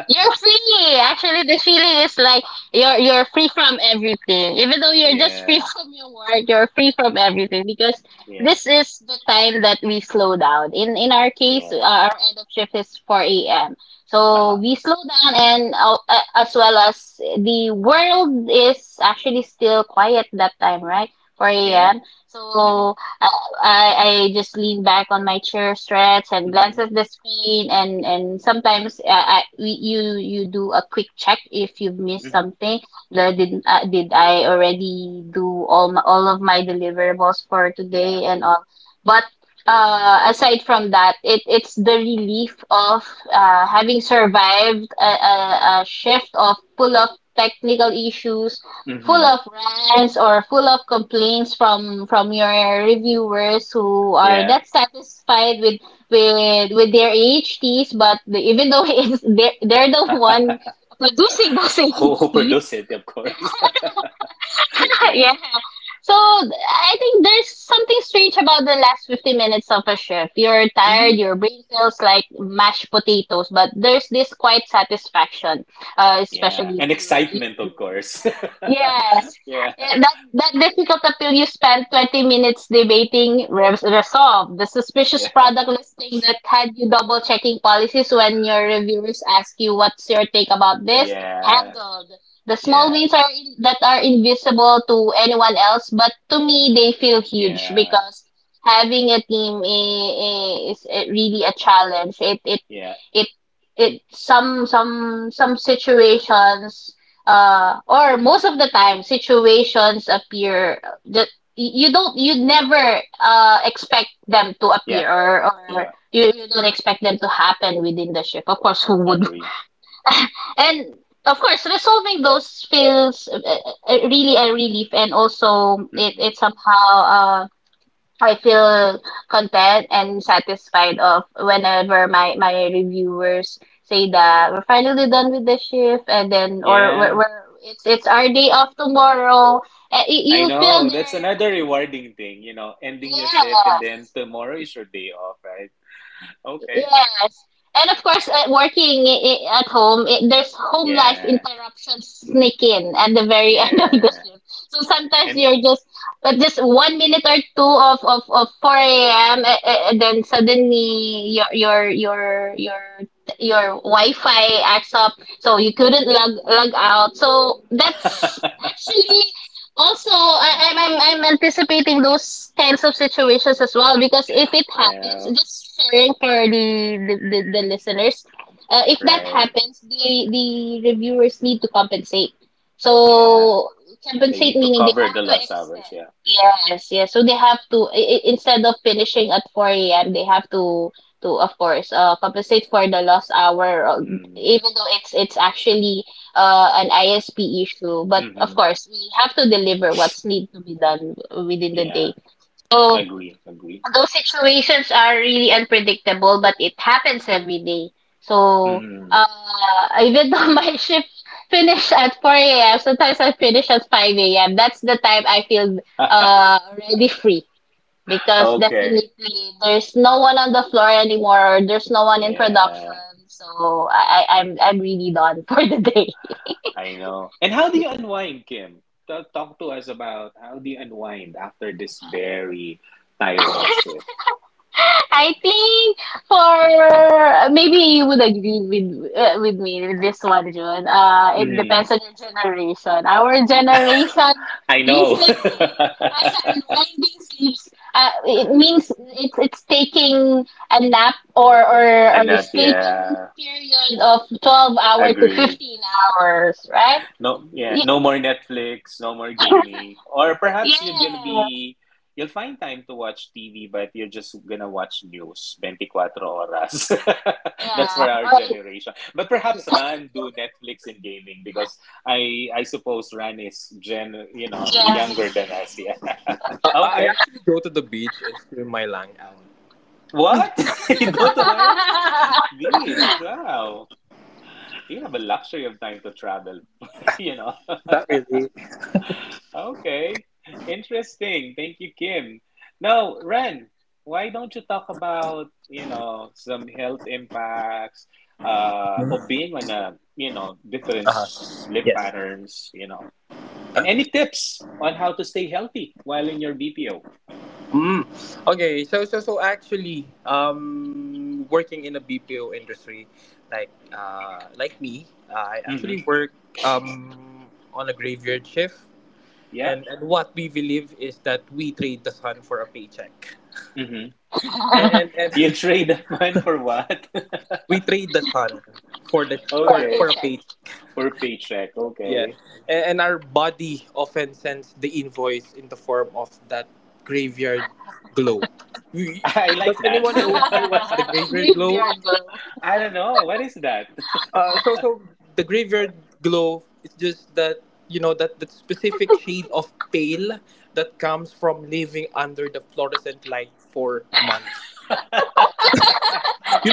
C: You're free. Actually, the feeling is like you're free from everything. Even though
A: [LAUGHS]
C: you're just free
A: Yeah,
C: [LAUGHS] from your work, you're free from everything, because
A: yeah.
C: this is the time that we slow down. In our case,
A: Yeah.
C: our end of shift is four a.m. So
A: Uh-huh.
C: we slow down, and as well as the world is actually still quiet that time, right? Four
A: Yeah.
C: a.m.
A: Mm-hmm.
C: So. I just lean back on my chair, stretch, and glance
A: Mm-hmm.
C: at the screen, and sometimes I, we- you do a quick check if you've missed
A: Mm-hmm.
C: something. The, did I already do all of my deliverables for today
A: Yeah.
C: and all? But aside from that, it's the relief of having survived a shift of full of technical issues, full
A: Mm-hmm.
C: of rants or full of complaints from your reviewers who are
A: Yeah.
C: not satisfied with their AHTs. But even though [LAUGHS] they're the one.
A: [LAUGHS] Who produce it, of course. [LAUGHS]
C: [LAUGHS]
A: Yeah.
C: Yeah. So I think there's something strange about the last 50 minutes of a shift. You're tired,
A: Mm-hmm.
C: your brain feels like mashed potatoes, but there's this quiet satisfaction,
A: Yeah.
C: especially
A: And
C: if you you.
A: excitement,
C: you
A: of course. [LAUGHS]
C: Yes.
A: Yeah.
C: That difficult appeal you spent 20 minutes debating, resolved. The suspicious
A: Yeah.
C: product listing that had you double checking policies when your reviewers ask you what's your take about this,
A: Yeah.
C: handled. The small
A: Yeah.
C: wins that are invisible to anyone else, but to me they feel huge
A: Yeah.
C: because having a team is, really a challenge.
A: Yeah.
C: It it some situations, or most of the time situations appear that you never expect them to
A: Yeah.
C: appear, or
A: Yeah.
C: you don't expect them to happen within the ship. Of course, who
A: I
C: would.
A: agree.
C: And of course, resolving those feels really a relief, and also it
A: Mm-mm.
C: it somehow I feel content and satisfied of whenever my reviewers say that we're finally done with the shift, and then or we're,
A: Yeah.
C: we're it's our day off tomorrow.
A: I
C: You feel
A: know. That's
C: there,
A: another rewarding thing, you know, ending your shift and then
C: yes.
A: tomorrow is your day off, right? Okay.
C: Yes. And of course, working at home, there's home life
A: Yeah.
C: interruptions sneak in at the very [LAUGHS] end of the
A: Yeah.
C: shift. So sometimes
A: And
C: you're just, just 1 minute or two of 4 a.m. And then suddenly your Wi-Fi acts up, so you couldn't log out. So that's
A: [LAUGHS]
C: actually also. I, I'm anticipating those kinds of situations as well, because if it happens,
A: yeah.
C: just sharing for the listeners, if that
A: Right.
C: happens, the reviewers need to compensate.
A: Yeah.
C: So
A: They
C: compensate
A: need to
C: meaning they
A: cover
C: have
A: the
C: to
A: lost hours.
C: extend.
A: Yeah.
C: Yes, yes. So they have to instead of finishing at four a.m., they have to of course compensate for the lost hour, or
A: Mm.
C: even though it's actually, an ISP issue. But of
A: Mm-hmm.
C: course, we have to deliver what's need to be done within the
A: Yeah.
C: day. So
A: Agree. Agree.
C: those situations are really unpredictable, but it happens every day. So,
A: Mm.
C: uh, even though [LAUGHS] my shift finish at 4 a.m., sometimes I finish at 5 a.m. That's the time I feel, already free. Because
A: Okay.
C: definitely there's no one on the floor anymore, or there's no one in production,
A: Yeah.
C: so I'm really done [LAUGHS] for the day.
A: I know. And how do you unwind, Kim? Talk to us about how do you unwind after this very tiring
C: [LAUGHS]
A: shift.
C: I think, for maybe you would agree with, with me with this one, June. It
A: Mm.
C: depends on your generation. Our generation
A: I know.
C: usually,
A: [LAUGHS]
C: uh, [LAUGHS] unwinding sleeps. It means it's taking a nap or
A: And that,
C: sleeping
A: yeah.
C: period of 12 hour to
A: Agree.
C: 15 hours, right?
A: No, yeah,
C: Y-
A: no more Netflix, no more gaming, or perhaps you're gonna
C: yeah,
A: be, you'll find time to watch TV, but you're just gonna watch news 24 horas. [LAUGHS] That's
C: yeah.
A: for our generation. But perhaps Ran do Netflix and gaming because I suppose Ran is gen, you know, younger than us. Yeah. [LAUGHS]
B: I
A: Okay.
B: actually go to the beach and swim my lang out.
A: What? [LAUGHS] You go to where? Beach. Wow. You have a luxury of time to travel. [LAUGHS] You know.
B: That really.
A: Okay, interesting. Thank you, Kim. Now, Ren, why don't you talk about, you know, some health impacts of being on a, you know, different
B: Uh-huh.
A: sleep
B: Yes.
A: patterns, you know, and
B: Uh,
A: any tips on how to stay healthy while in your BPO?
B: mm. Okay. So actually, working in the BPO industry, like, like me, I
A: Mm-hmm.
B: actually work on a graveyard shift.
A: Yeah.
B: And what we believe is that we trade the sun for a paycheck.
A: Mm-hmm. You
B: And
A: trade up [LAUGHS] mine for what? [LAUGHS]
B: [LAUGHS] we trade the sun for for
A: Okay,
B: a paycheck.
A: for paycheck.
B: Yeah.
A: Okay.
B: And our body often sends the invoice in the form of that graveyard glow.
A: [LAUGHS]
B: We,
A: I like
B: does
A: that.
B: anyone know here what's the
A: [LAUGHS]
B: graveyard glow?
A: I don't know. What is that?
B: So the graveyard glow is just that, you know, that that specific shade of pale that comes from living under the fluorescent light for months.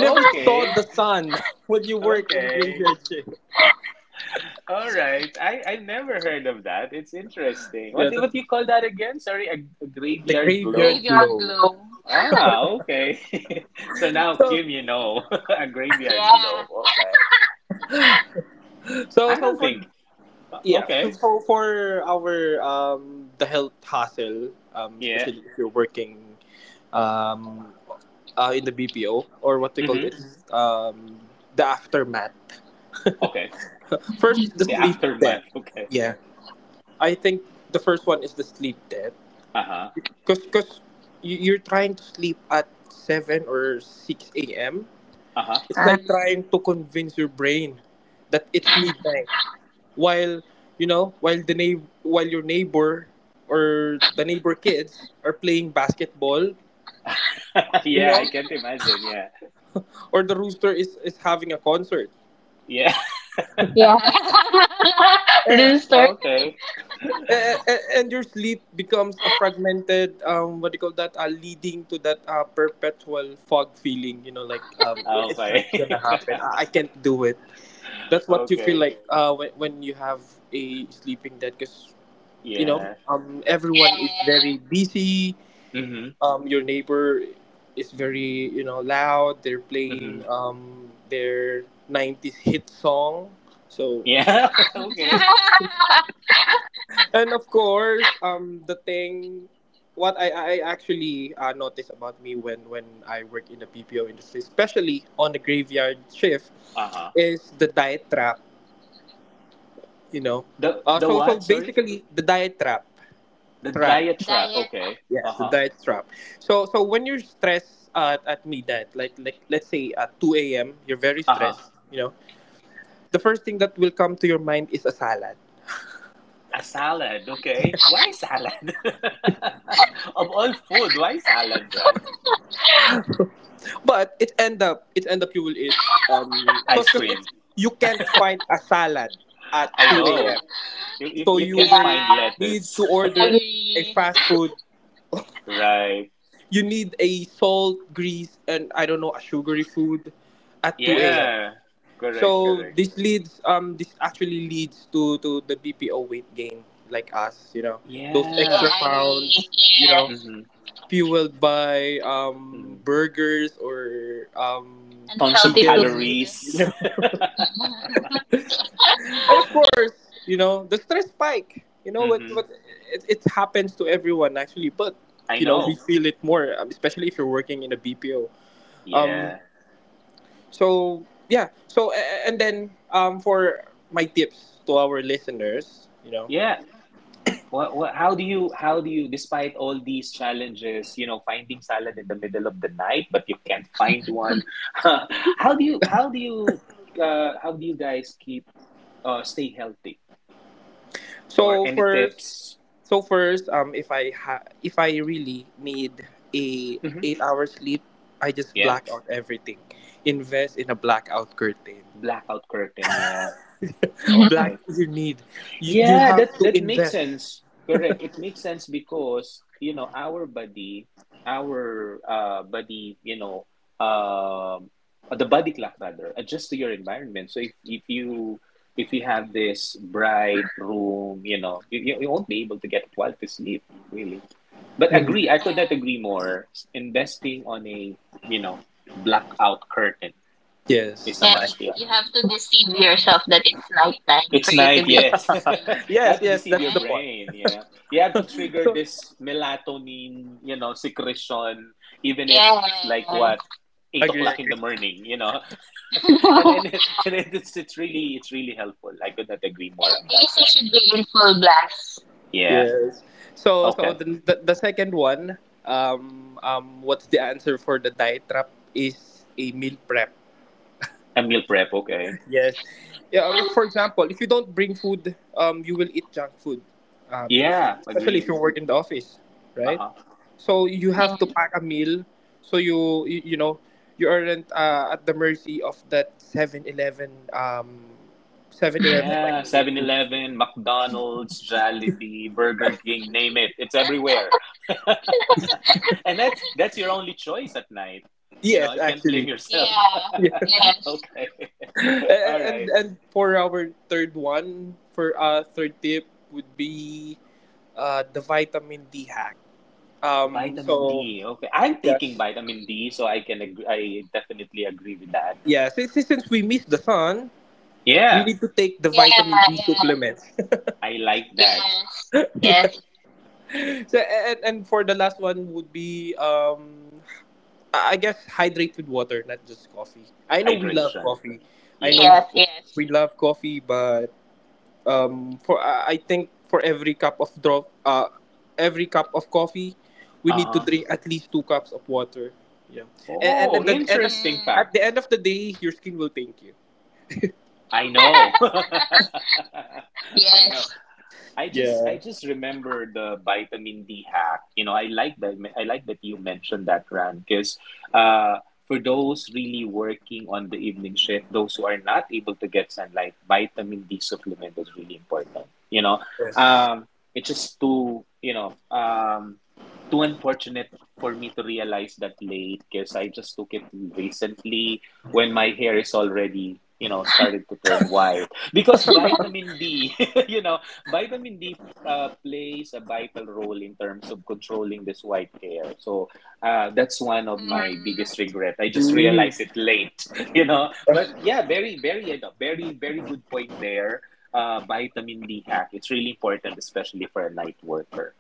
A: [LAUGHS]
B: never saw
A: Okay.
B: the sun [LAUGHS] when you work in the
A: Okay.
B: graveyard shift.
A: All right. I never heard of that. It's interesting. What
B: Yeah,
A: what
B: that's
A: do you call that again? Sorry, a
B: the
A: graveyard glow?
B: graveyard glow.
A: Ah, okay. [LAUGHS] So now
B: So,
A: Kim, you know, [LAUGHS] a graveyard glow. Okay.
B: so,
A: I
B: so
A: don't
B: for
A: think.
B: yeah, so
A: Okay.
B: for, for our the health hassle,
A: Yeah.
B: especially if you're working um in the BPO, or what they call it,
A: Mm-hmm.
B: Mhm. The aftermath. [LAUGHS]
A: Okay.
B: First is the
A: The
B: sleep debt.
A: aftermath. [LAUGHS] Okay.
B: Yeah, I think the first one is the sleep debt.
A: Uh-huh.
B: Cause you're trying to sleep at seven or six a.m.
A: Uh-huh.
B: It's
C: Or,
B: like trying to convince your brain that it's midnight, while, while your neighbor or the neighbor kids are playing basketball,
A: [LAUGHS]
B: you
A: Yeah, I
B: know,
A: can't imagine. Yeah.
B: or the rooster is having a concert.
A: Yeah.
C: yeah. [LAUGHS]
A: [LAUGHS]
B: Eh,
C: Rooster.
A: Okay.
B: and your sleep becomes a fragmented, what do you call that, leading to that perpetual fog feeling, you know, like,
A: [LAUGHS]
B: it's not
A: Okay.
B: gonna happen. I can't do it.
A: [LAUGHS]
B: That's what you feel
A: Okay.
B: like when you have a sleeping debt. Because, you know,
A: Yeah.
B: everyone is very busy.
A: Mm-hmm.
B: Your neighbor is, very, you know, loud, they're playing,
A: Mm-hmm.
B: their 90s hit song, so.
A: Yeah. [LAUGHS] Okay.
B: [LAUGHS] And of course, the thing what I actually noticed about me when I work in the bpo industry, especially on the graveyard shift,
A: Uh-huh.
B: is the diet trap, you know. uh,
A: The
B: so so
A: what? Sorry?
B: basically the diet trap
A: The
B: trap
A: diet trap.
C: Diet.
A: Okay.
B: Yes, the
A: Uh-huh.
B: diet trap. So, so when you're stressed at midnight, like let's say at two a.m., you're very
A: Uh-huh.
B: stressed. You know, the first thing that will come to your mind is a salad.
A: A salad. Okay. Why salad? [LAUGHS] Of all food, why salad, right?
B: But it end up you will eat, um cause
A: Ice
B: cause
A: cream.
B: it's, you can't find a salad at
A: I
B: two a.m.
A: know. You you,
B: So
A: you
B: you
A: can't
B: will
A: find
C: Yeah.
B: need
A: lettuce.
B: to order
A: [LAUGHS]
B: a fast food.
A: Right.
B: You need a salt, grease, and I don't know, a sugary food at two a.m.
A: Yeah.
B: So
A: Correct, correct.
B: this leads this actually leads to the BPO weight gain, like us, you know. Those extra
A: Yeah.
B: pounds, you know,
A: Mm-hmm.
B: fueled by
A: Mm-hmm.
B: burgers or
A: Tons of
B: chicken,
A: calories.
B: you know. [LAUGHS] And of
A: [LAUGHS]
B: course, you know, the stress spike. You know what
A: Mm-hmm.
B: what it it happens to everyone actually, but
A: I
B: you know, we
A: know.
B: feel it more, especially if you're working in a BPO. Um
A: Yeah.
B: So yeah. And then, for my tips to our listeners, you know.
A: Yeah. What, how do you, despite all these challenges, you know, finding salad in the middle of the night, but you can't find one. [LAUGHS] How do you, how do you, how do you guys keep, stay healthy? Or
B: So
A: any
B: first,
A: tips?
B: so first, if I really need a
A: Hmm.
B: 8 hour sleep, I just
A: Yeah.
B: black out everything. Invest in a blackout curtain.
A: Blackout curtain. Yeah.
B: [LAUGHS] Black
A: Okay.
B: you need. You
A: Yeah,
B: have
A: that
B: to
A: that makes
B: invest.
A: sense. Correct. It makes sense because, you know, our body, you know, um the body clock rather, adjusts to your environment. So if you have this bright room, you know, you won't be able to get quality sleep, really. But agree,
B: Mhm.
A: I could not agree more. Investing on a, you know, blackout curtain is a
B: Yes.
C: Yeah, you,
A: must, yeah.
C: you have to deceive yourself that it's nighttime for
A: It's
C: you to
A: night,
C: be able
A: yes. [LAUGHS]
C: to sleep,
A: You
B: Yes.
A: have to
B: Yes.
A: deceive
B: That's
A: your
B: the
C: right?
B: point.
A: brain, yeah. You have to trigger
B: So
A: this melatonin, you know, secretion, even if
C: Yes.
A: it's like what, eight
B: agree.
A: o'clock in
B: Agree.
A: the morning, you know. [LAUGHS] And then
C: [LAUGHS]
A: [LAUGHS] and then it's really it's really helpful. I could not agree more on that, Ram. Yeah.
B: Yes. So
A: Okay.
B: the second one, what's the answer for the diet trap is a meal prep.
A: A meal prep, okay.
B: Yes. Yeah, but for example, if you don't bring food, you will eat junk food. If
A: Yeah,
B: especially if
A: agree.
B: you work in the office, right?
A: Uh-huh.
B: So you have to pack a meal, so you know, you aren't at the mercy of that 7-Eleven
A: Yeah,
B: microwave
A: Seven
B: food.
A: Eleven, McDonald's, Jollibee, Burger King, name it. It's everywhere. [LAUGHS] And that's your only choice at night. You know,
B: Yes,
A: you can't blame
B: actually.
A: yourself. [LAUGHS]
B: [LAUGHS]
A: Okay. All
B: And
A: right.
B: for our third one, for third tip would be the vitamin D hack. So
A: Vitamin D. Okay. I'm
B: yes.
A: taking vitamin D, so I can agree, I definitely agree with that.
B: Yeah, since we miss the sun, we
A: Yeah,
B: need to take the
C: Yeah,
B: vitamin D
C: yeah.
B: supplements.
A: I like that.
C: Yes.
B: [LAUGHS] Yeah.
C: Yes.
B: So and for the last one would be, um, I guess, hydrate with water, not just coffee. I know we love
A: Hydration.
B: coffee. I know
A: Yeah.
C: Yes, yes.
B: we love coffee, but, for, I think for every every cup of coffee, we need to
A: Uh-huh.
B: drink at least two cups of water. And at
A: Oh,
B: the end of,
A: interesting fact.
B: the day, your skin will thank you.
A: I know. [LAUGHS] I know.
C: Yes.
A: I just
B: Yeah.
A: I just remember the vitamin D hack. You know, I like that. I like that you mentioned that, Ran, because uh, for those really working on the evening shift, those who are not able to get sunlight, vitamin D supplement is really important. You know,
B: Yes.
A: um, it's just too too unfortunate for me to realize that late because I just took it recently when my hair is already you know started to turn white because vitamin D. [LAUGHS] You know, vitamin D plays a vital role in terms of controlling this white hair. So that's one of my biggest regret. I just realized it late, [LAUGHS] you know. But yeah, very, very, you know, very, very good point there. Vitamin D hack. It's really important, especially for a night worker.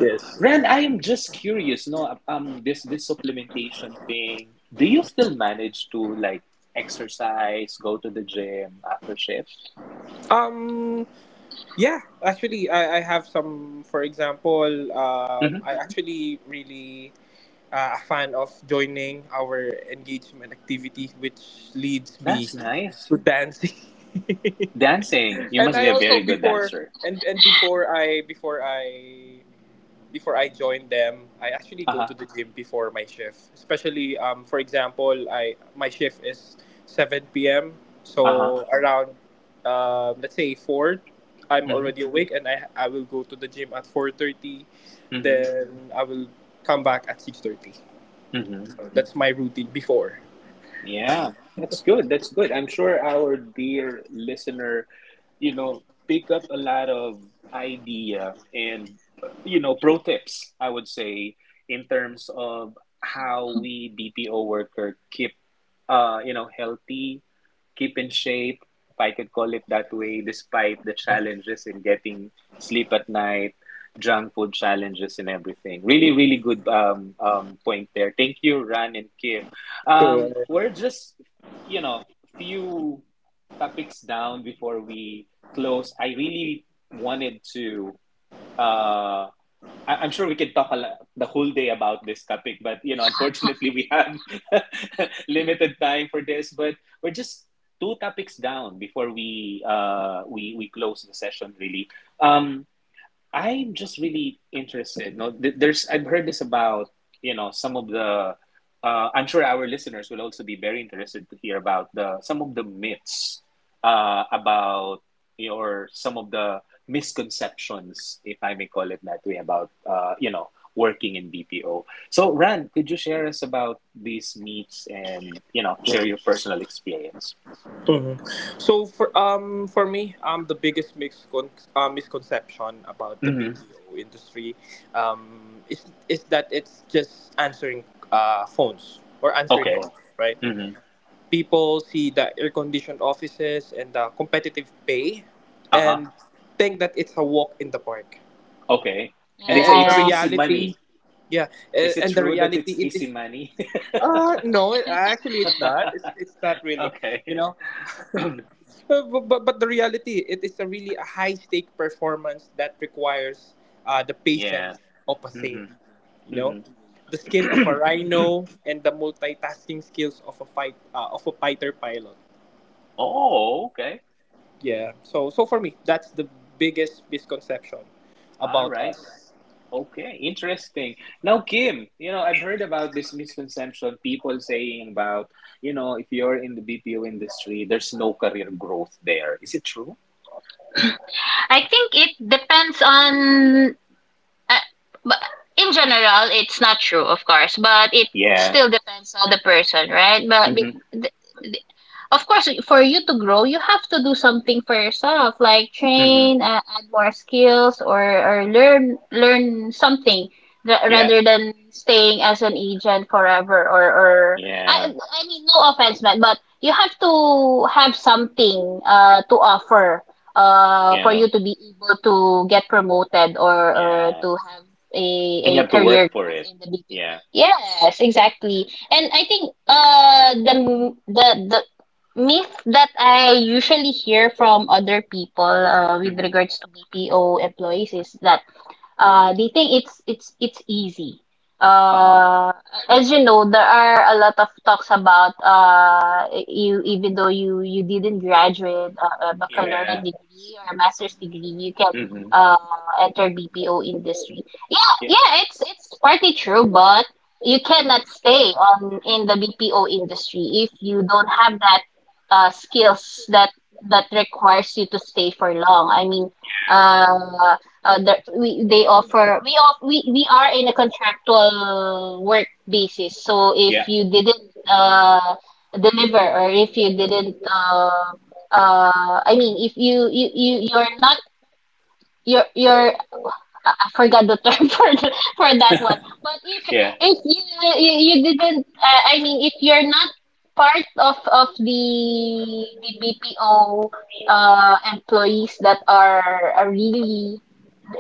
B: Yes.
A: Ren, I am just curious. No, this this supplementation thing. Do you still manage to like exercise, go to the gym after shift?
B: Um. Yeah. Actually, I have some. For example,
A: Hmm.
B: I actually really, a fan of joining our engagement activity, which leads me
A: That's nice.
B: to dancing. [LAUGHS]
A: Dancing. You
B: And
A: must be
B: I
A: a
B: also
A: very good
B: before
A: dancer.
B: and before I before I before I joined them, I actually go to
A: Uh-huh.
B: the gym before my shift. Especially, for example, I my shift is 7 p.m.
A: Uh-huh.
B: So around, let's say 4, I'm
A: Mm-hmm.
B: already awake and I will go to the gym at 4:30.
A: Mm-hmm.
B: Then I will come back at 6:30.
A: Mm-hmm.
B: That's my routine before.
A: Yeah. That's good. That's good. I'm sure our dear listener, you know, pick up a lot of idea and you know, pro tips, I would say, in terms of how we BPO worker keep you know, healthy keep in shape, if I could call it that way, despite the challenges in getting sleep at night, junk food challenges, and everything. Really, really good point there. Thank you, Ran and Kim.
B: So
A: We're just, you know, few topics down before we close. I really wanted to. Uh, I'm sure we could talk a lot, the whole day about this topic, but you know, unfortunately, we have [LAUGHS] limited time for this. But we're just two topics down before we close the session. Really, um, I'm just really interested. No, there's I've heard this about you know some of the. I'm sure our listeners will also be very interested to hear about the some of the myths about you know, or some of the misconceptions, if I may call it that way, about you know working in BPO. So, Ran, could you share us about these myths and you know share your personal experience?
B: Mhm. So for, for me, the biggest misconception about the
A: Mm-hmm.
B: BPO industry, is that it's just answering phones or answering
A: Okay.
B: calls, right?
A: Hmm.
B: People see the air conditioned offices and the competitive pay,
A: Uh-huh.
B: and think that it's a walk in the park.
A: Okay. And they
B: and,
A: say
B: and the
A: it's easy
B: reality
A: money.
B: yeah
A: Is it
B: and the
A: true that it's
B: reality it is,
A: easy money? [LAUGHS]
B: no, it- actually it's not, it's not really, you
A: Okay.
B: know.
A: [CLEARS THROAT]
B: But the reality, it is a really a high stake performance that requires, the patience
A: Yeah.
B: of a
A: Hmm.
B: saint. You know,
A: Hmm.
B: the skill of a
A: [CLEARS THROAT]
B: rhino, and the multitasking skills of a fighter pilot.
A: Oh, okay.
B: Yeah. So so for me, that's the biggest misconception
A: All
B: about
A: right.
B: us.
A: Okay. Interesting. Now, Kim, you know, I've heard about this misconception people saying about, you know, if you're in the BPO industry, there's no career growth there. Is it true?
C: I think it depends on, uh, but in general it's not true, of course, but it
A: Yeah.
C: still depends on the person, right?
A: Hmm.
C: Of course, for you to grow, you have to do something for yourself, like
A: Hmm.
C: train, add more skills, or learn something
A: Yeah.
C: rather than staying as an agent forever. Or
A: Yeah.
C: I mean, no offense, man, but you have to have something to offer for
A: Yeah.
C: you to be able to get promoted, or
A: Yeah.
C: to have a
A: And
C: a
A: you have to
C: career
A: work for
C: growth
A: it.
C: in the BPO.
A: Yeah.
C: Yes, exactly. And I think the the myth that I usually hear from other people, with
A: Mm-hmm.
C: regards to BPO employees, is that they think it's easy.
A: Uh-huh.
C: Uh, as you know, there are a lot of talks about, you even though you didn't graduate a baccalaureate
A: Yeah.
C: degree or a master's degree, you can,
A: Mm-hmm.
C: uh, enter BPO industry. Yeah,
A: Yeah.
C: yeah, it's partly true, but you cannot stay on in the BPO industry if you don't have that, skills that requires you to stay for long. I mean, uh, there, we they offer we off we are in a contractual work basis. So
A: Yeah.
C: if you didn't deliver, or if you didn't, I mean, if you're not, you're you're I forgot the term [LAUGHS] for for that one. But
A: Yeah.
C: if you didn't, I mean if you're not part of the BPO employees that are really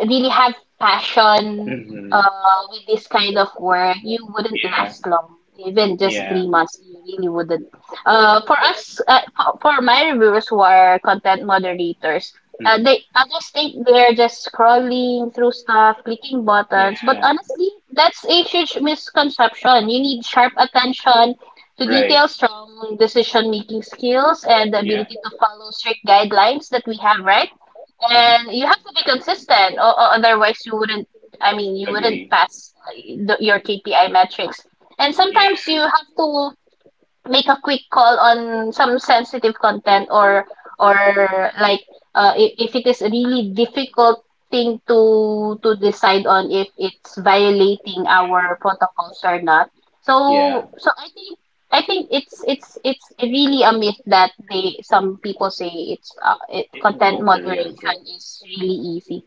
C: really have passion,
A: Mm-hmm.
C: with this kind of work, you wouldn't
A: Yeah.
C: last long. Even just
A: Yeah.
C: 3 months, you really wouldn't. For us, for my reviewers who are content moderators,
A: Mm-hmm.
C: they others think they're just scrolling through stuff, clicking buttons. But
A: Yeah.
C: honestly, that's a huge misconception. You need sharp attention to
A: Right.
C: detail, strong decision-making skills, and the
A: Yeah.
C: ability to follow strict guidelines that we have, right?
A: Mm-hmm. Mm-hmm.
C: And you have to be consistent, or otherwise you wouldn't, I mean, you wouldn't
A: Agree.
C: pass, your KPI metrics. And
A: Yeah.
C: sometimes you have to make a quick call on some sensitive content, or like, if it is a really difficult thing to decide on if it's violating
A: Yeah.
C: our protocols or not.
A: Yeah.
C: So I think it's really a myth that they some people say,
A: It-
C: content
A: No career
C: moderation
A: growth.
C: is really easy.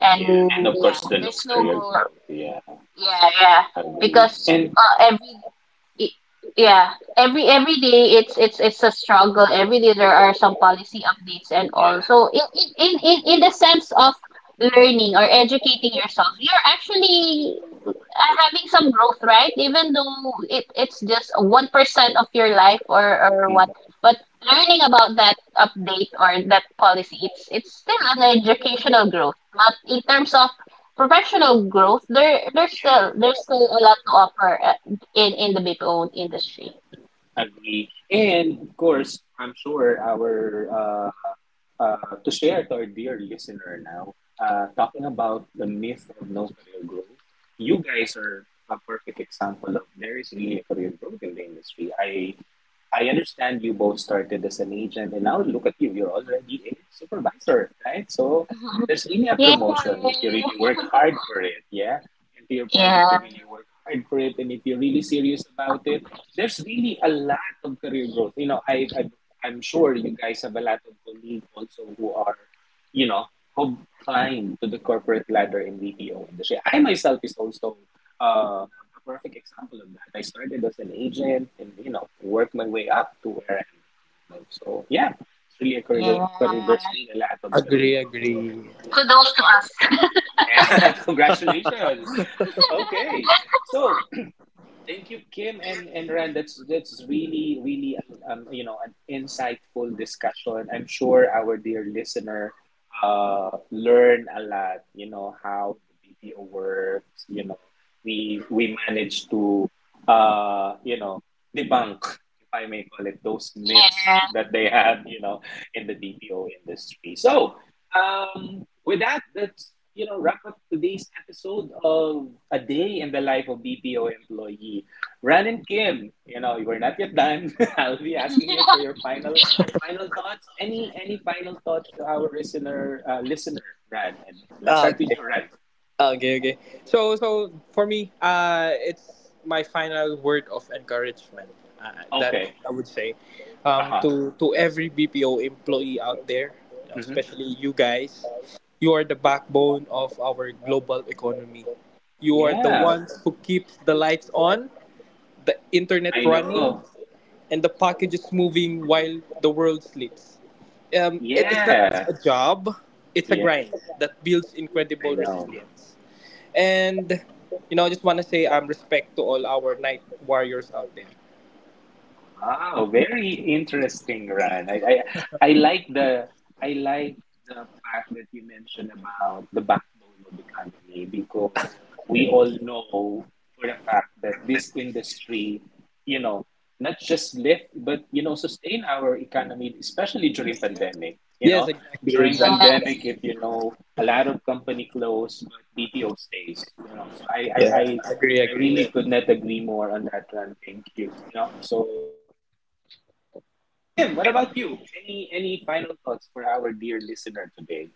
C: And
A: Yeah. And of
C: yeah,
A: course the no
C: there's no
A: career
C: go.
A: growth. Yeah.
C: Yeah, yeah.
A: Agree.
C: because
A: And
C: uh, every it, yeah, every day it's a struggle. Every day there are some policy updates and all.
A: yeah.
C: So in the sense of learning or educating yourself, you're actually are having some growth, right? Even though it's just 1% of your life or what,
A: Mm.
C: but learning about that update or that policy, it's still an educational growth. But in terms of professional growth, there's still a lot to offer, in the BPO industry.
A: Agree. And of course, I'm sure our to share to our dear listener now, talking about the myth of no career growth, you guys are a perfect example of there is really a career growth in the industry. I understand you both started as an agent, and now look at you, you're already a supervisor, right? So there's really
C: [LAUGHS]
A: a
C: Yeah.
A: promotion if you really work hard for it, yeah? And to your point, if
C: Yeah.
A: you really work hard for it, and if you're really serious about it, there's really a lot of career growth. You know, I'm sure you guys have a lot of colleagues also who are, you know, who climb to the corporate ladder in the BPO industry. I myself is also a perfect example of that. I started as an agent and, you know, worked my way up to where I am. So, yeah, it's really a career, career there's really a lot of career
B: Agree.
A: growth
B: Agree.
A: there. Yeah. [LAUGHS] Congratulations. Okay. So, thank you, Kim and Rand. That's really really you know an insightful discussion. I'm sure our dear listener learn a lot. You know how the BPO works. You know we managed to you know debunk, if I may call it, those myths that they have. You know in the BPO industry. So with that, let's you know wrap up today's episode of A Day in the Life of BPO Employee. Ran and Kim, you know, we're not yet done. [LAUGHS] I'll be asking you for your final thoughts. Any final thoughts to our listener, Ran? And let's
B: Ah,
A: start with
B: okay.
A: you, Ran.
B: Okay, okay. So, so for me, it's my final word of encouragement, that
A: Okay.
B: I would say,
A: Uh-huh.
B: to every BPO employee out there, you know,
A: Hmm.
B: especially you guys. You are the backbone of our global economy. You are the
A: Yeah,
B: ones who keeps the lights on, the internet
A: I
B: running,
A: know.
B: and the packages moving while the world sleeps. It is not just
A: Yeah.
B: a job; it's a
A: Yeah,
B: grind that builds
A: I
B: incredible
A: know.
B: resilience. And you know, I just want to say, respect to all our night warriors out there.
A: Wow, very interesting, Ran. I like the I like the fact that you mentioned about the backbone of the economy because we all know for a fact that this industry, you know, not just lift but you know sustain our economy, especially during pandemic. You
B: Yes,
A: know,
B: exactly,
A: during
B: exactly.
A: pandemic,
C: Yes.
A: if you know, a lot of company close, but BPO stays. You know, so
B: Yeah, agree,
A: I
B: agree.
A: really could not agree more on that, Ran. Thank you. You know, so. Yeah. And Kim, what about you? Any final thoughts for our dear listener today?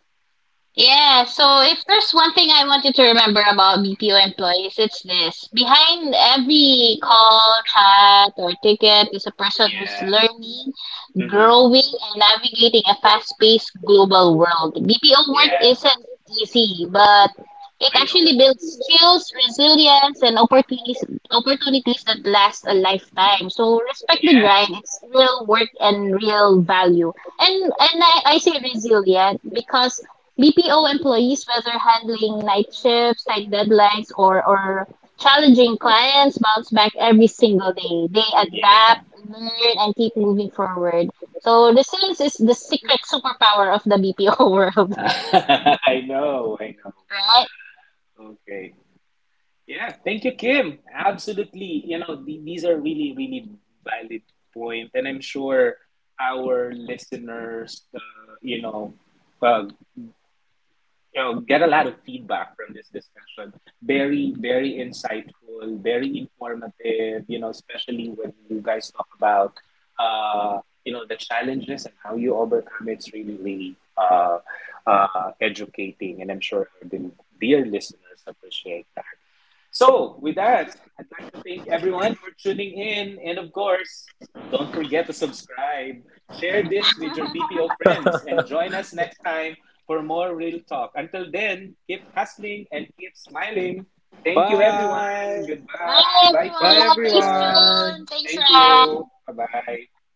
C: Yeah, so if there's one thing I want you to remember about BPO employees, it's this. Behind every call, chat, or ticket is a
A: Yeah.
C: person who's learning,
A: Hmm.
C: growing, and navigating a fast-paced global world. BPO
A: Yeah.
C: work isn't easy, but
A: I know.
C: it actually builds skills, resilience, and opportunities that last a lifetime. So respect
A: Yeah.
C: the grind. It's real work and real value. And I say resilient because BPO employees, whether handling night shifts, tight deadlines, or challenging clients, bounce back every single day. They
A: Yeah.
C: adapt, learn, and keep moving forward. So this is the secret superpower of the BPO
A: [LAUGHS]
C: world,
A: I know, I know.
C: [LAUGHS] right?
A: Okay. Yeah, thank you, Kim. Absolutely. You know, the, these are really, really valid point, points, and I'm sure our listeners, uh, you know get a lot of feedback from this discussion very very insightful very informative you know especially when you guys talk about uh, you know the challenges and how you overcome it's really really educating and I'm sure our dear listeners appreciate that. So, with that, I'd like to thank everyone for tuning in. And of course, don't forget to subscribe, share this with your BPO friends, and join us next time for more real talk. Until then, keep hustling and keep smiling. Thank you, everyone.
B: Bye.
C: Bye,
A: Goodbye. Bye,
B: Bye
A: Kim.
C: everyone.
A: Bye,
C: Thanks,
A: Ran.
C: June.
B: everyone.
C: Thanks,
A: Thank you.
C: Ram.
A: Bye bye.